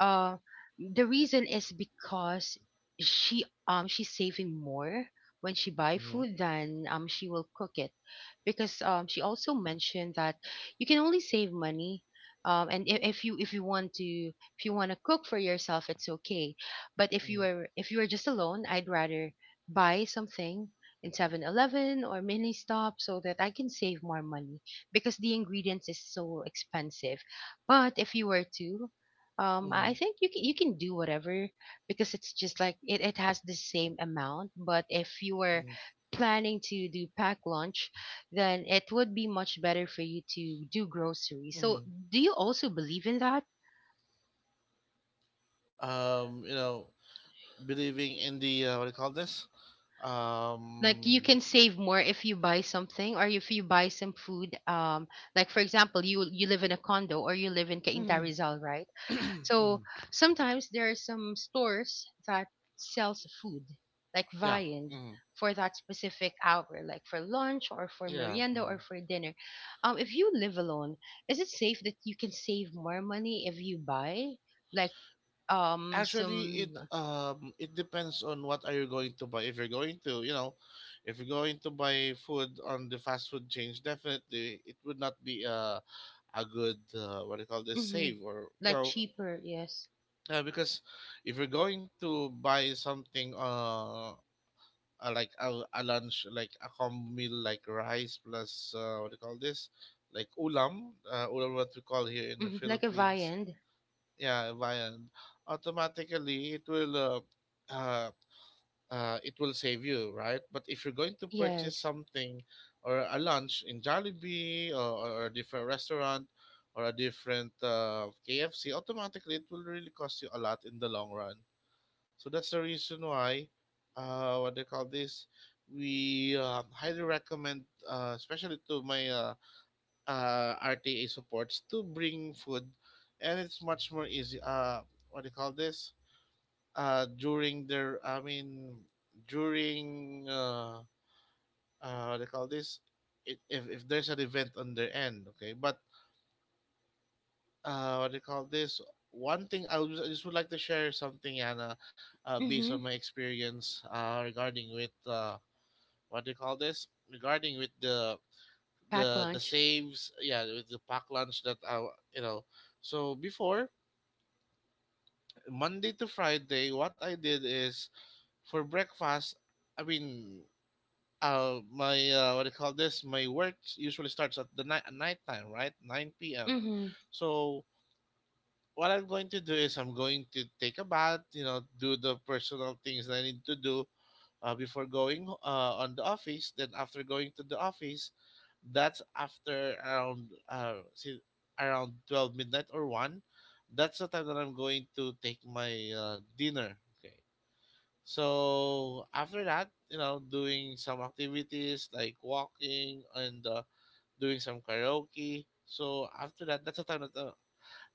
Speaker 1: uh, the reason is because she um she's saving more when she buy food than um she will cook it, because um she also mentioned that you can only save money um and if, if you if you want to if you want to cook for yourself it's okay, but if you are if you are just alone I'd rather buy something in Seven Eleven or mini stop so that I can save more money, because the ingredients is so expensive. But if you were to um, I I think you can you can do whatever, because it's just like it, it has the same amount. But if you were planning to do pack lunch, then it would be much better for you to do groceries. So do you also believe in that?
Speaker 2: um you know Believing in the uh, what do you call this
Speaker 1: Like you
Speaker 2: um
Speaker 1: can save more if you buy something or if you buy some food. Um, like for example, you you live in a condo or you live in Cainta Rizal, right? So sometimes there are some stores that sells food like
Speaker 2: yeah,
Speaker 1: viand
Speaker 2: mhm,
Speaker 1: for that specific hour, like for lunch or for
Speaker 2: yeah,
Speaker 1: merienda or
Speaker 2: mhm.
Speaker 1: for dinner. Um, if you live alone, is it safe that you can save more money if you buy like um
Speaker 2: Actually,
Speaker 1: some
Speaker 2: it um it depends on what are you going to buy. If you're going to you know if you're going to buy food on the fast food chains, definitely it would not be a a good, uh, what do you call this
Speaker 1: hmm
Speaker 2: save, or you
Speaker 1: like
Speaker 2: know
Speaker 1: cheaper? Yes,
Speaker 2: uh, because if you're going to buy something uh uh, like a, a lunch, like a combo meal like rice plus, uh, what do you call this like ulam, uh, ulam what we call here in the
Speaker 1: hmm like a
Speaker 2: Philippines.
Speaker 1: viand.
Speaker 2: Yeah, viand. Automatically, it will uh, uh, uh, it will save you, right? But if you're going to purchase
Speaker 1: Yes.
Speaker 2: something or a lunch in Jollibee, or, or a different restaurant or a different uh, K F C, automatically it will really cost you a lot in the long run. So that's the reason why, uh, what they call this we uh, highly recommend, uh, especially to my uh, uh, R T A supports, to bring food, and it's much more easy. Uh, what do you call this? Uh, during their, I mean, during uh, uh, what do you call this? it, if if there's an event on their end, okay. But uh, what do you call this? One thing I, was, I just would like to share something, Anna, uh, based on
Speaker 1: Mm-hmm.
Speaker 2: my experience uh, regarding with uh, what do you call this? Regarding with the
Speaker 1: Pack
Speaker 2: the the
Speaker 1: lunch.
Speaker 2: saves, yeah, with the pack lunch that I you know so before, Monday to Friday, what I did is for breakfast, I mean, uh my, uh, what do you call this my work usually starts at the night, at night time, right? nine p m
Speaker 1: Mm-hmm.
Speaker 2: So what I'm going to do is I'm going to take a bath, you know do the personal things that I need to do uh, before going uh, on the office. Then after going to the office, that's after around uh si- around twelve midnight or one, that's the time that I'm going to take my uh, dinner. Okay. So after that, you know doing some activities like walking and uh, doing some karaoke. So after that, that's the time that uh,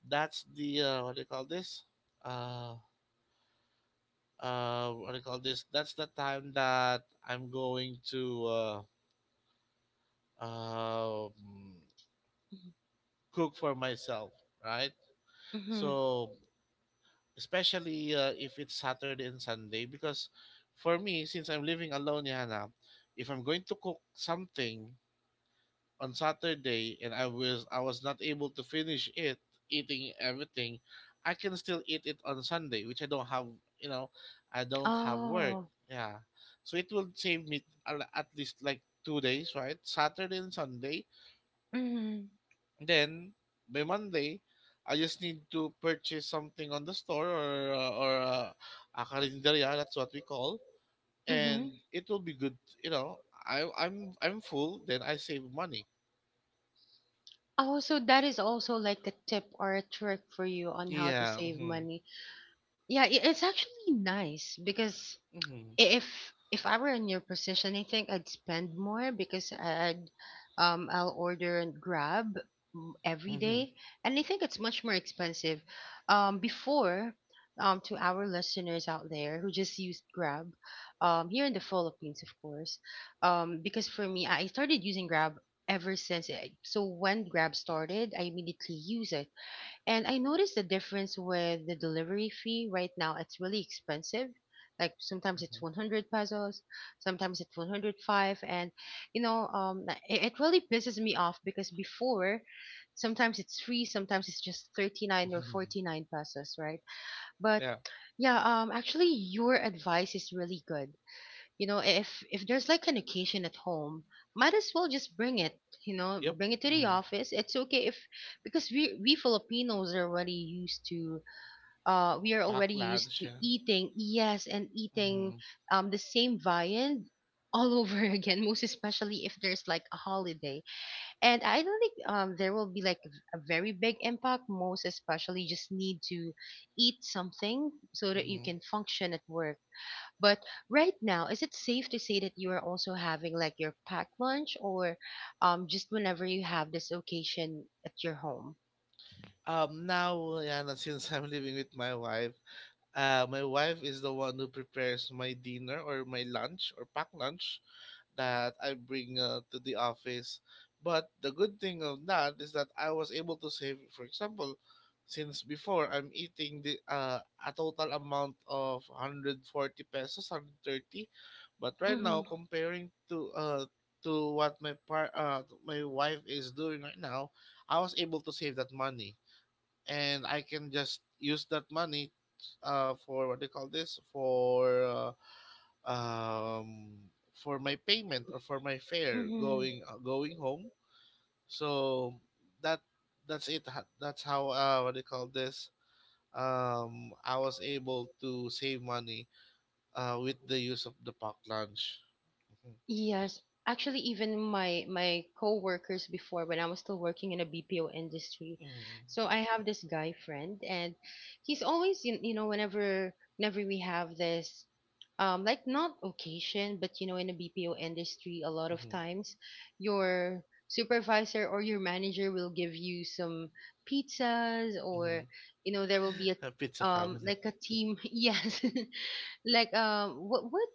Speaker 2: that's the uh, what do you call this uh uh what do you call this that's the time that I'm going to uh um
Speaker 1: Mm-hmm.
Speaker 2: cook for myself, right?
Speaker 1: Mm-hmm.
Speaker 2: So especially uh, if it's Saturday and Sunday, because for me, since I'm living alone, Yana, if I'm going to cook something on Saturday and I was I was not able to finish it, eating everything, I can still eat it on Sunday, which I don't have. You know, I don't have work.
Speaker 1: Oh.
Speaker 2: Yeah, so it will save me a- at least like two days, right? Saturday and Sunday.
Speaker 1: Mm-hmm.
Speaker 2: Then by Monday, I just need to purchase something on the store, or uh, or uh, a carinderia, that's what we call,
Speaker 1: Mm-hmm.
Speaker 2: and it will be good. You know, I I'm I'm full. Then I save money.
Speaker 1: Oh, so that is also like a tip or a trick for you on how to
Speaker 2: Yeah,
Speaker 1: save money. Yeah, i- it's actually nice because if if I were in your position, I think I'd spend more because I'd um I'll order and grab mm, every day, and I think it's much more expensive. Um, before, um, to our listeners out there who just used Grab, um, here in the Philippines, of course, um, because for me, I started using Grab ever since it. So when Grab started, I immediately use it and I noticed the difference with the delivery fee. Right now, it's really expensive. Like sometimes it's one hundred pesos, sometimes it's one hundred five. And, you know, um, tha- it, it really pisses me off because before, sometimes it's free, sometimes it's just thirty-nine or forty-nine pesos, right? But
Speaker 2: yeah,
Speaker 1: yeah, um, actually, your advice is really good. You know, if if there's like an occasion at home, might as well just bring it. You know,
Speaker 2: yep.
Speaker 1: bring it to the office. It's okay if because we we Filipinos are already used to, uh, we are
Speaker 2: Pack
Speaker 1: already used
Speaker 2: lunch.
Speaker 1: to
Speaker 2: Yeah,
Speaker 1: eating, yes, and eating um the same viand all over again, most especially if there's like a holiday. And I don't think um there will be like a very big impact, most especially just need to eat something so that you
Speaker 2: hmm
Speaker 1: can function at work. But right now, is it safe to say that you are also having like your packed lunch or um just whenever you have this occasion at your home?
Speaker 2: Um, now, Yana, since I'm living with my wife, uh, my wife is the one who prepares my dinner or my lunch or pack lunch. That I bring uh, to the office. But the good thing of that is that I was able to save, for example, since before I'm eating the uh, a total amount of one hundred forty pesos, one hundred thirty. But right now,
Speaker 1: Mm-hmm.
Speaker 2: comparing to uh, to what my par- uh, my wife is doing right now, I was able to save that money, and I can just use that money uh, for what they call this for. Uh, um, for my payment or for my fare
Speaker 1: Mm-hmm.
Speaker 2: going uh, going home. So that that's it. Ha- That's how uh, what do you call this? Um, I was able to save money uh, with the use of the pack lunch.
Speaker 1: Yes, actually, even my my coworkers before, when I was still working in a B P O industry. So I have this guy friend, and he's always you, you know whenever whenever we have this um like not occasion, but you know, in a B P O industry, a lot of times your supervisor or your manager will give you some pizzas or
Speaker 2: Mm-hmm.
Speaker 1: you know there will be a
Speaker 2: Pizza
Speaker 1: um
Speaker 2: family.
Speaker 1: like a team, yes, like um what what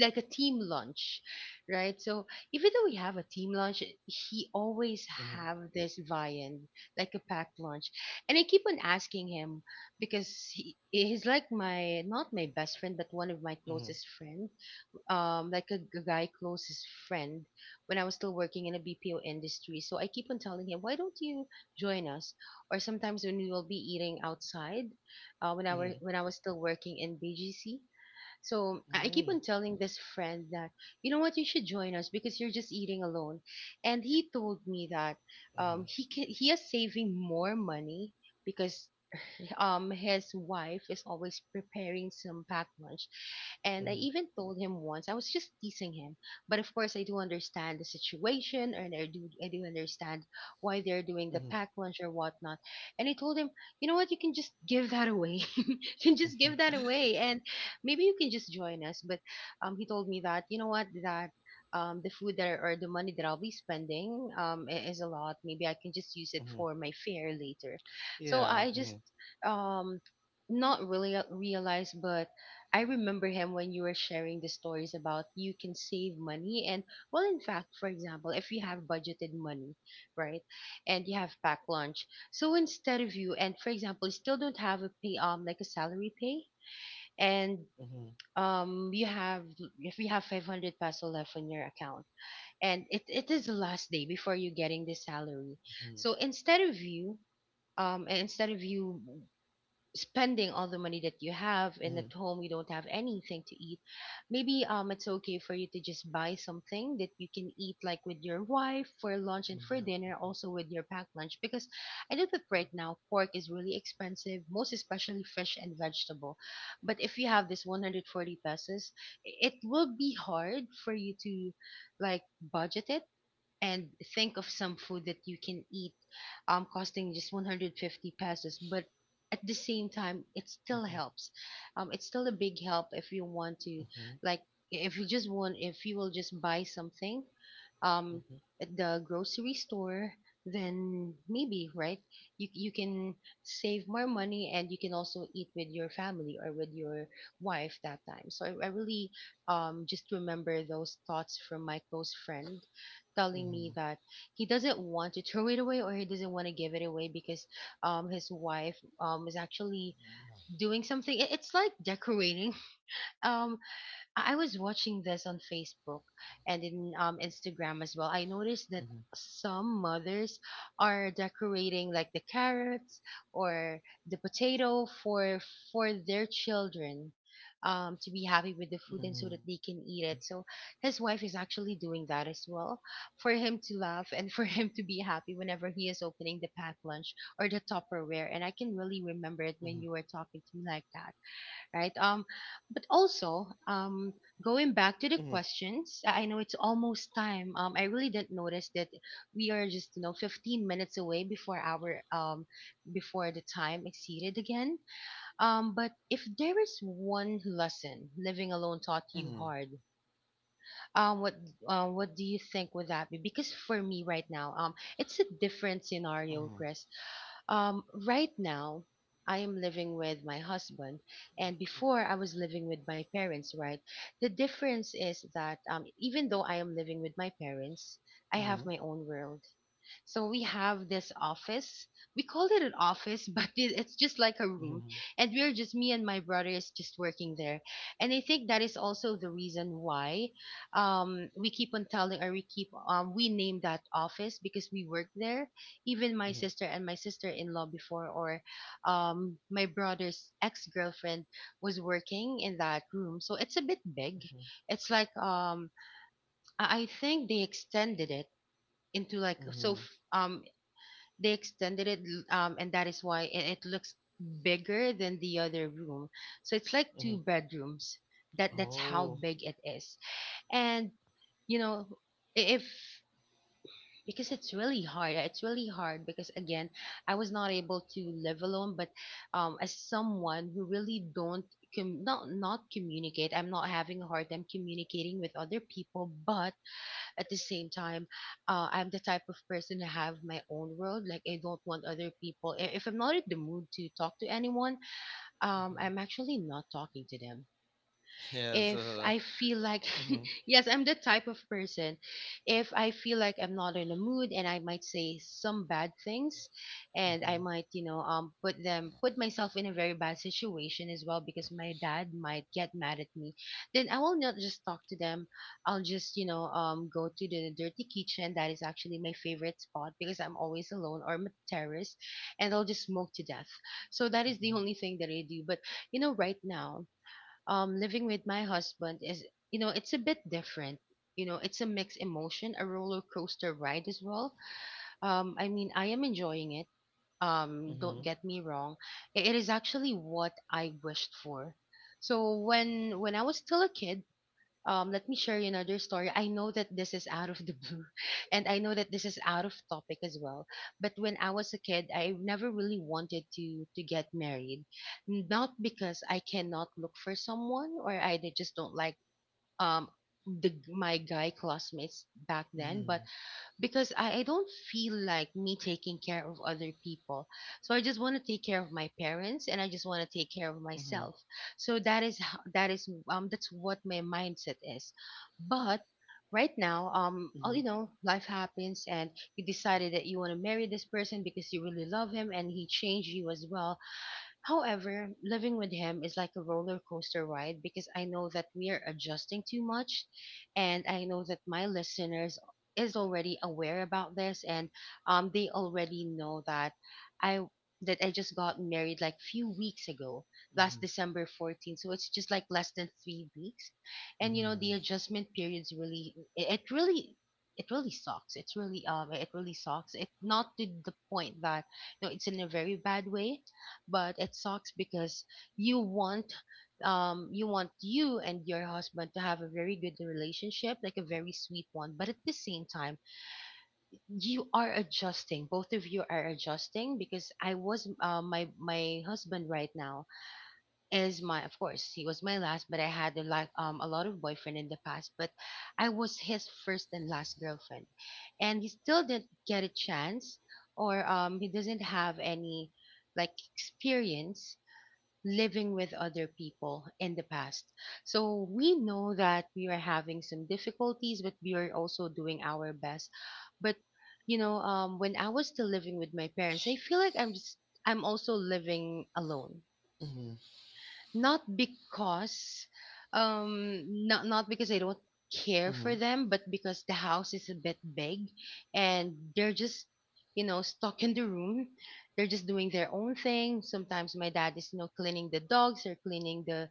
Speaker 1: like a team lunch, right? So even though we have a team lunch, he always have this viand like a packed lunch, and I keep on asking him because he, he's like my not my best friend, but one of my closest friend, um, like a, g- guy closest friend when I was still working in a B P O industry. So I keep on telling him, why don't you join us? Or sometimes when we will be eating outside, uh, when I were when I was still working in B G C. So I keep on telling this friend that, you know what, you should join us because you're just eating alone. And he told me that um, he can, he is saving more money because um his wife is always preparing some packed lunch. And I even told him once, I was just teasing him, but of course I do understand the situation and I do I do understand why they're doing the packed lunch or whatnot. And I told him, you know what, you can just give that away you can just give that away, and maybe you can just join us. But um he told me that, you know what, that um, the food that or the money that I'll be spending, um, i- is a lot. Maybe I can just use it for my fare later. So
Speaker 2: Yeah.
Speaker 1: I just
Speaker 2: mhm.
Speaker 1: um not really a- realize, but I remember him when you were sharing the stories about you can save money. And well, in fact, for example, if you have budgeted money, right, and you have packed lunch, so instead of you, and for example, you still don't have a pay, um like a salary pay, and um you have if you have five hundred peso left on your account, and it, it is the last day before you getting the salary, so instead of you, um instead of you spending all the money that you have and at home you don't have anything to eat, maybe um it's okay for you to just buy something that you can eat, like with your wife for lunch and for dinner, also with your packed lunch, because I know that right now pork is really expensive, most especially fish and vegetable. But if you have this one hundred forty pesos, it will be hard for you to, like, budget it and think of some food that you can eat um costing just one hundred fifty pesos. But at the same time, it still helps. Um it's still a big help if you want to, like, if you just want if you will just buy something um at the grocery store, then maybe, right, you you can save more money and you can also eat with your family or with your wife that time. so i, I really um just remember those thoughts from my close friend telling me that he doesn't want to throw it away or he doesn't want to give it away, because um his wife um is actually doing something. It- It's like decorating. Um, I I was watching this on Facebook and in um, Instagram as well. I noticed that some mothers are decorating like the carrots or the potato for for their children, um, to be happy with the food and so that they can eat it. So his wife is actually doing that as well for him to laugh and for him to be happy whenever he is opening the packed lunch or the Tupperware. And I can really remember it when you were talking to me like that, right? Um, but also, um, going back to the questions, I I know it's almost time. Um, I really didn't notice that we are just, you know, fifteen minutes away before our um before the time exceeded again. Um, but if there is one lesson living alone taught you hard, um, what uh, what do you think would that be? Because for me right now, um, it's a different scenario, Chris. Um, right now, I am living with my husband, and before I was living with my parents, right? The difference is that um, even though I am living with my parents, I have my own world. So we have this office. We call it an office, but it, it's just like a room. And we're just, me and my brother is just working there. And I think that is also the reason why um, we keep on telling or we keep, um, we name that office because we work there. Even my sister and my sister in law before, or um, my brother's ex girlfriend was working in that room. So it's a bit big. It's like, um, I I think they extended it into like so f- um they extended it, um and that is why it, it looks bigger than the other room, so it's like two bedrooms, that that's how
Speaker 2: Oh,
Speaker 1: big it is. And you know, if, because it's really hard, it's really hard because again I was not able to live alone. But um as someone who really don't com- not not communicate, I'm not having a hard time communicating with other people, but at the same time, uh, I'm the type of person to have my own world. Like I don't want other people. i- If I'm not in the mood to talk to anyone, um, I'm actually not talking to them
Speaker 2: yeah.
Speaker 1: if
Speaker 2: So,
Speaker 1: I feel like, yes, I'm the type of person, if I feel like I'm not in the mood and I might say some bad things, and I might, you know, um, put them, put myself in a very bad situation as well, because my dad might get mad at me, then I will not just talk to them. I'll just, you know, um, go to the dirty kitchen. That is actually my favorite spot because I'm always alone, or my terrace, and I'll just smoke to death. So that is the only thing that I do. But you know, right now, um living with my husband is, you know, it's a bit different. You know, it's a mixed emotion, a roller coaster ride as well. Um i mean I am enjoying it. Um don't get me wrong. I- it is actually what I wished for. So when when I was still a kid, um, let me share you another story. I know that this is out of the blue, and I know that this is out of topic as well. But when I was a kid, I never really wanted to to get married, not because I cannot look for someone or I d- just don't like um the g- my guy classmates back then, but because I, I don't feel like me taking care of other people. So I just want to take care of my parents and I just want to take care of myself. So that is how, that is um that's what my mindset is. But right now, um all you know life happens, and you decided that you want to marry this person because you really love him, and he changed you as well. However, living with him is like a roller coaster ride, because I know that we are adjusting too much, and I know that my listeners is already aware about this, and um they already know that I that I just got married like few weeks ago, last December fourteenth. So it's just like less than three weeks. And you know, the adjustment periods really, it, it really it really sucks. It's really um it really sucks. It not to the point that you know it's in a very bad way, but it sucks because you want, um you want you and your husband to have a very good relationship, like a very sweet one, but at the same time you are adjusting both of you are adjusting, because I was uh, my my husband right now is my of course, he was my last, but I had a lot, um a lot of boyfriend in the past, but I was his first and last girlfriend. And he still didn't get a chance, or um he doesn't have any like experience living with other people in the past. So we know that we are having some difficulties, but we are also doing our best. But you know, um, when I was still living with my parents, I feel like I'm just I'm also living alone, not because, um not not because I don't care for them, but because the house is a bit big, and they're just, you know stuck in the room. They're just doing their own thing. Sometimes my dad is, you know cleaning the dogs, or cleaning the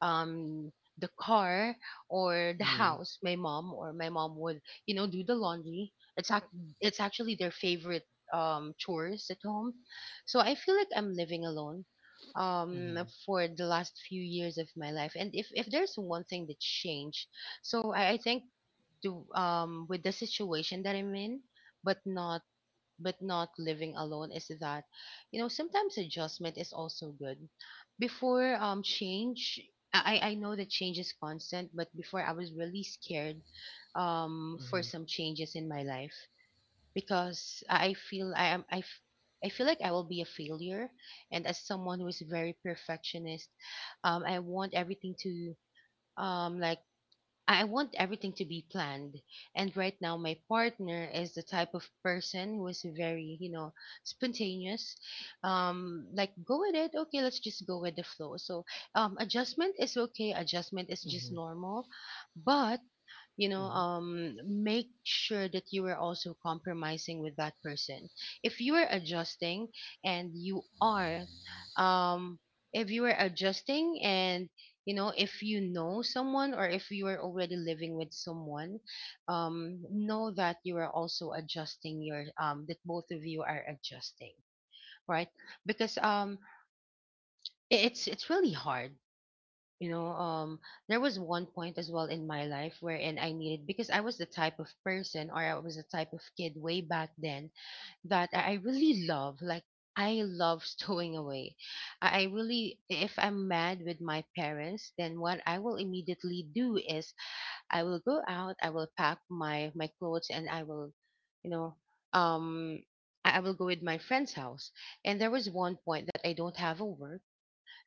Speaker 1: um the car, or the house. My mom or my mom would, you know do the laundry. It's ac- it's actually their favorite um chores at home. So I feel like I'm living alone, um for the last few years of my life. And if if there's one thing that changed, so i, I think do, um with the situation that I'm in, but not but not living alone, is that, you know sometimes adjustment is also good. Before, um change, I, I I know that change is constant, but before I was really scared, um, for some changes in my life, because I feel I am I, f- I feel like I will be a failure. And as someone who is very perfectionist, um I want everything to, um like I want everything to be planned. And right now my partner is the type of person who is very, you know spontaneous, um like, go with it. Okay, let's just go with the flow. So, um adjustment is okay, adjustment is just normal. But, you know um make sure that you are also compromising with that person. If you are adjusting, and you are um if you are adjusting, and, you know if you know someone, or if you are already living with someone, um know that you are also adjusting your, um that both of you are adjusting, right? Because, um i- it's it's really hard. you know um there was one point as well in my life wherein I needed because I was the type of person, or I was the type of kid way back then, that i I really love, like, I love stowing away. I I really If I'm mad with my parents, then what I will immediately do is I will go out, I will pack my my clothes, and I will you know um I I will go with my friend's house. And there was one point that I don't have a work.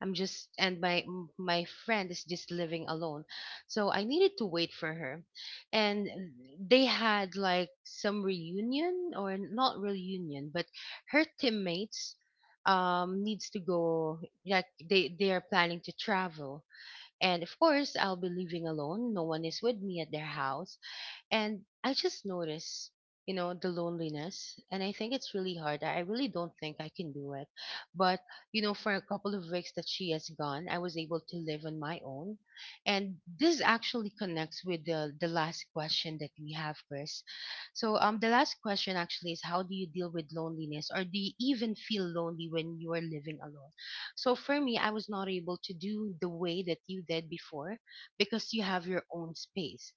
Speaker 1: I'm just And my m- my friend is just living alone. So I needed to wait for her. And they had like some reunion, or not reunion, but her teammates um needs to go, like, they they are planning to travel. And of course, I'll be living alone. No one is with me at their house. And I just notice, you know, the loneliness. And I think it's really hard. I I really don't think I can do it. But, you know, for a couple of weeks that she has gone, I was able to live on my own. And this actually connects with the, the last question that we have, Chris. So, um, the last question actually is, how do you deal with loneliness, or do you even feel lonely when you are living alone? So, for me, I was not able to do the way that you did before, because you have your own space,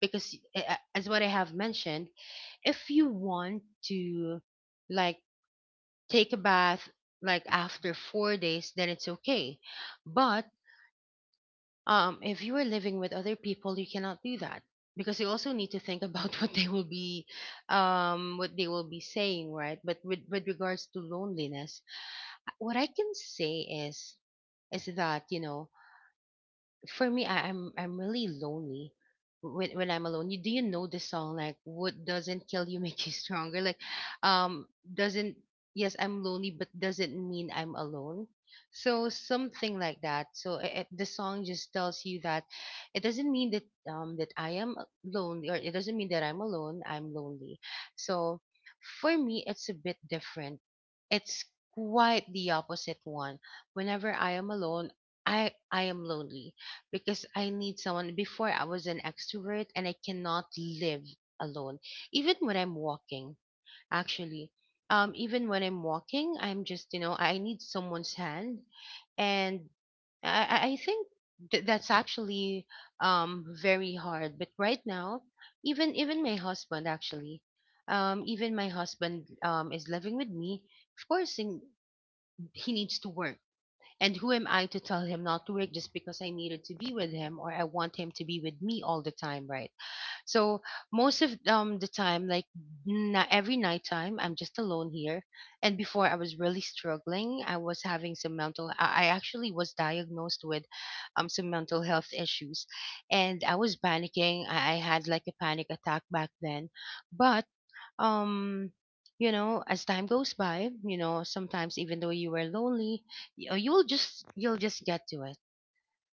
Speaker 1: because, uh, uh, as what I have mentioned, if you want to, like, take a bath like after four days, then it's okay. But, um, if you are living with other people, you cannot do that, because you also need to think about what they will be, um, what they will be saying, right? But with with regards to loneliness, what I can say is, is that, you know for me, I, I'm I'm really lonely when when I'm alone. You, do you know the song like, "What doesn't kill you make you stronger"? Like, um, doesn't yes, I'm lonely, but doesn't mean I'm alone. So something like that. So it, it, the song just tells you that it doesn't mean that, um that I am lonely, or it doesn't mean that I'm alone. I'm lonely. So for me, it's a bit different. It's quite the opposite one. Whenever I am alone, I I am lonely, because I need someone. Before I was an extrovert and I cannot live alone. Even when I'm walking, actually, um, even when I'm walking, I'm just you know I need someone's hand, and I, I I think, th- that's actually, um very hard. But right now, even even my husband actually, um, even my husband um is living with me. Of course, in, he needs to work, and who am I to tell him not to work just because I needed to be with him, or I want him to be with me all the time, right? So most of um the time, like, na every night time, I'm just alone here. And before I was really struggling, I was having some mental. I I actually was diagnosed with, um some mental health issues, and I was panicking. I, I had like a panic attack back then, but, um you know as time goes by, you know sometimes even though you were lonely, y- uh, you'll just you'll just get to it,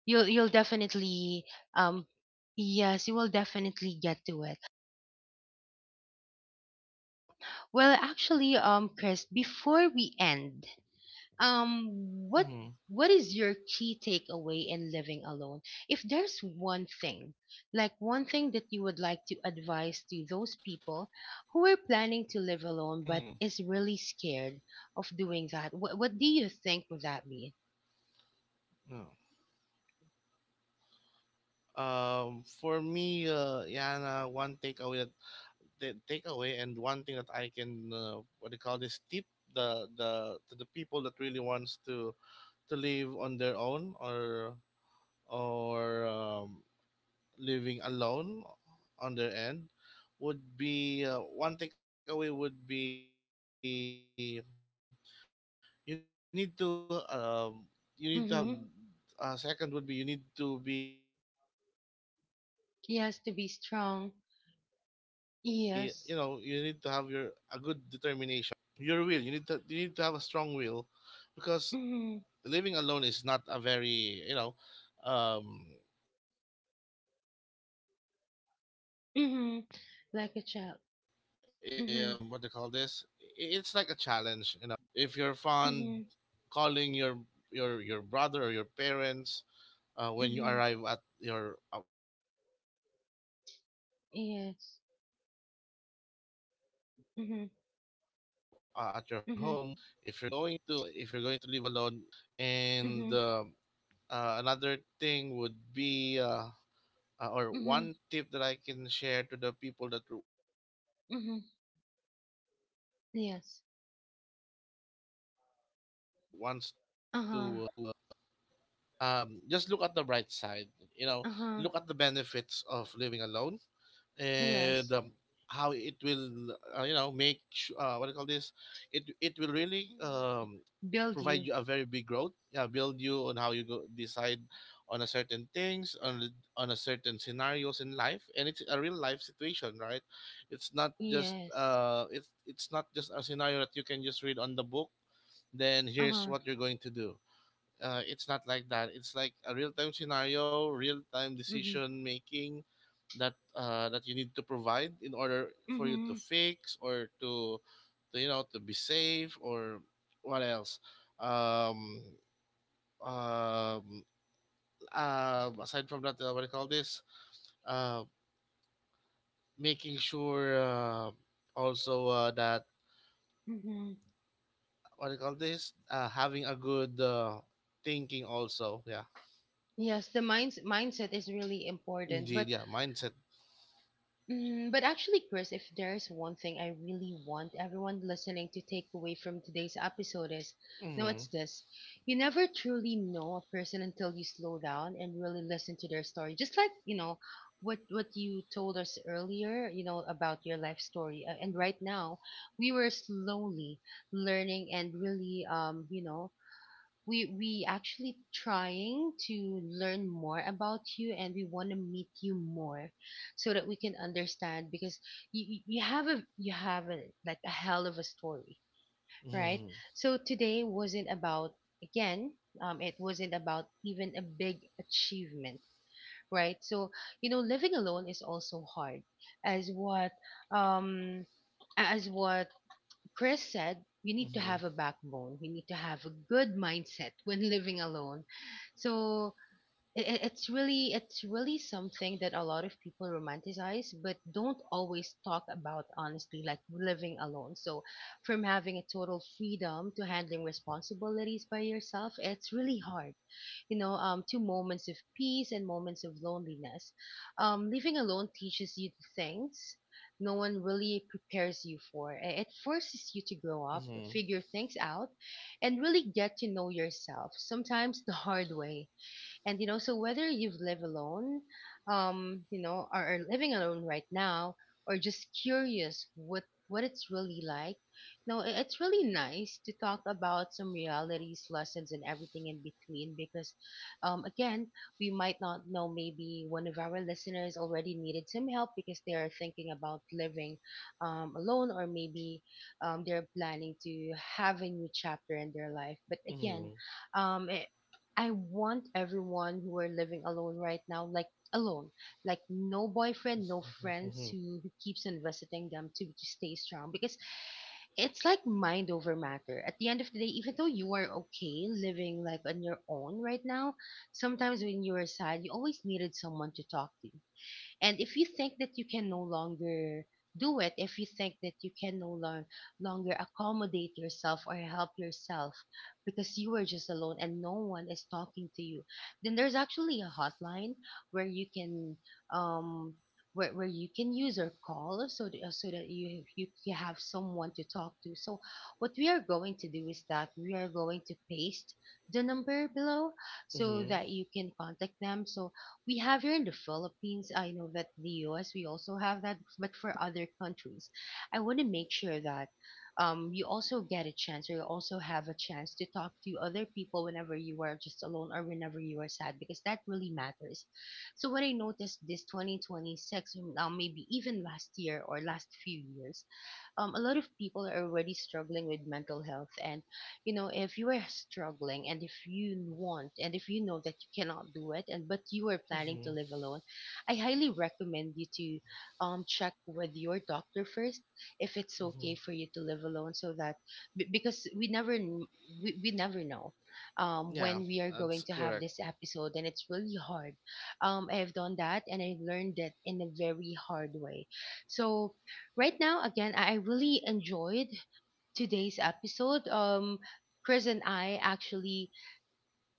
Speaker 1: you'll you'll definitely, um yes, you will definitely get to it. Well, actually, um Chris, before we end, um what what is your key takeaway in living alone? If there's one thing, like one thing that you would like to advise to those people who are planning to live alone but is really scared of doing that, what, what do you think would that be?
Speaker 2: um, for me, uh, Yana, one takeaway, that the takeaway and one thing that I can, uh, what they call this tip, the the to the people that really wants to to live on their own, or or um, living alone on their end, would be, uh, one takeaway would be you need to um, you need to have a strong uh, uh, you need to be strong.
Speaker 1: Mm-hmm.
Speaker 2: And uh, second would be you need to be, you know you need to have
Speaker 1: Yes, to
Speaker 2: your
Speaker 1: be
Speaker 2: a good
Speaker 1: strong.
Speaker 2: determination.
Speaker 1: Yes.
Speaker 2: Yeah. there's I mean Your will, you need to, you need to have a strong will, because
Speaker 1: Mm-hmm.
Speaker 2: living alone is not a very, you know um eh, what do you call this I- it's like a
Speaker 1: Mm-hmm.
Speaker 2: challenge, you
Speaker 1: Like a
Speaker 2: know.
Speaker 1: child.
Speaker 2: Because a lot of
Speaker 1: Mm-hmm.
Speaker 2: things will change. If you're fond
Speaker 1: Mm-hmm.
Speaker 2: calling your your your brother or your parents uh, when you arrive
Speaker 1: Mm-hmm.
Speaker 2: at your uh, uh, at your home. If you're going to, if you're going to
Speaker 1: Yes.
Speaker 2: live alone, you cannot do that anymore since you're
Speaker 1: Mm-hmm.
Speaker 2: o- you're, you're the only one, right?
Speaker 1: Mm-hmm.
Speaker 2: And um, uh, another thing
Speaker 1: Mm-hmm.
Speaker 2: would be, uh, uh, or one tip that I can share to
Speaker 1: Mm-hmm.
Speaker 2: the people that wants to uh, live alone,
Speaker 1: Mm-hmm.
Speaker 2: but, what do you call this? But afraid,
Speaker 1: Yes.
Speaker 2: is that um, just look at the bright
Speaker 1: Uh-huh.
Speaker 2: side. You know, look at the benefits of living alone.
Speaker 1: Uh-huh.
Speaker 2: And um, how it will,
Speaker 1: Yes.
Speaker 2: uh, you know, make su- uh, what do you call this? It it will really um,
Speaker 1: Mm.
Speaker 2: provide you a
Speaker 1: Build
Speaker 2: very
Speaker 1: you.
Speaker 2: big growth. Yeah, build you on how you go decide on a certain things on the- on a certain scenarios in life. And it's a real life situation, right? It's not just
Speaker 1: Yes.
Speaker 2: uh, it's it's not just a scenario that you can just read on the book, then here's
Speaker 1: Uh-huh.
Speaker 2: what you're going to do. Uh, it's not like that. It's like a real time scenario, real time
Speaker 1: Mm-hmm.
Speaker 2: decision making that uh, that you need to provide in order for you to
Speaker 1: Mm-hmm.
Speaker 2: fix or to, to you know, to be safe. Or what else, um um uh, aside from that, uh, what do you call this uh making sure, uh, also, uh, that,
Speaker 1: Mm-hmm.
Speaker 2: what do you call this uh, having a good uh, thinking also, yeah.
Speaker 1: Yes, the mind mindset is really important,
Speaker 2: Indeed,
Speaker 1: but.
Speaker 2: yeah, mindset.
Speaker 1: Mm, but actually, Chris, if there's one thing I really want everyone listening to take away from today's episode is, no, it's this. You never truly know a person until you slow down and really listen to their story. Just like, you know, what what you told us earlier, you know, about your life story. Uh, and right now, we were slowly learning and really, um, you know, we we actually trying to learn more about you, and we want to meet you more so that we can understand, because you, you have a, you have a like, a hell of a story, right? So today wasn't about, again, um it wasn't about even a big achievement, right? So, you know living alone is also hard, as what, um as what Chris said. You need to have a backbone. You need to have a good mindset when living alone. So, i- it's really it's really something that a lot of people romanticize, but don't always talk about honestly, like living alone. So from having a total freedom to handling responsibilities by yourself, it's really hard, you know, um, to moments of peace and moments of loneliness. Um, living alone teaches you the things no one really prepares you for. I- It forces you to grow up, figure things out, and really get to know yourself, sometimes the hard way. And you know, so whether you've lived alone, um, you know, or are living alone right now, or just curious what what it's really like. No, i- it's really nice to talk about some realities, lessons, and everything in between. Because, um, again, we might not know. Maybe one of our listeners already needed some help because they are thinking about living, um, alone, or maybe, um, they're planning to have a new chapter in their life. But again, um, i- I want everyone who are living alone right now, like alone, like no boyfriend, no friends who, who keeps on visiting them to, to stay strong because it's like mind over matter. At the end of the day, even though you are okay living like on your own right now, sometimes when you are sad, you always needed someone to talk to. And if you think that you can no longer do it, if you think that you can no long, longer accommodate yourself or help yourself because you are just alone and no one is talking to you, then there's actually a hotline where you can um where, where you can use or call so that, uh, so that you, you you have someone to talk to. So what we are going to do is that we are going to paste the number below so that you can contact them. So we have here in the Philippines. I know that the U S we also have that, but for other countries, I want to make sure that um, you also get a chance or you also have a chance to talk to other people whenever you are just alone or whenever you are sad because that really matters. So what I noticed this twenty twenty-six, or now maybe even last year or last few years, um, a lot of people are already struggling with mental health. And you know, if you are struggling and if you want and if you know that you cannot do it and but you are planning to live alone, I highly recommend you to um check with your doctor first if it's okay for you to live alone, so that be- because we never kn- we, we never know um
Speaker 2: Yeah,
Speaker 1: when we are
Speaker 2: that's
Speaker 1: going to have
Speaker 2: correct.
Speaker 1: this episode, and it's really hard. um I have done that, and I learned that in a very hard way. So right now, again, i I really enjoyed today's episode. Um, Chris and I actually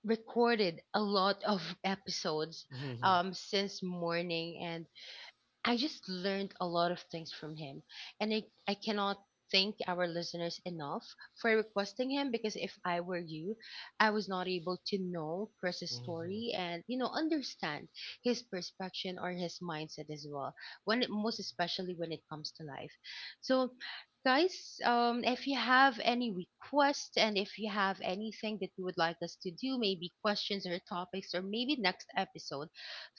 Speaker 1: recorded a lot of episodes um, since morning, and I just learned a lot of things from him. And I, I cannot thank our listeners enough for requesting him, because if I were you, I was not able to know Chris's story and, you know, understand his perspective or his mindset as well. When it, most especially when it comes to life. So guys, um, if you have any requests and if you have anything that you would like us to do, maybe questions or topics or maybe next episode,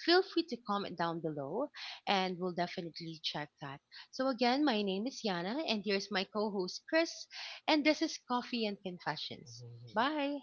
Speaker 1: feel free to comment down below and we'll definitely check that. So, again, my name is Yana, and here's my co host, Chris, and this is Coffee and Confessions. Bye.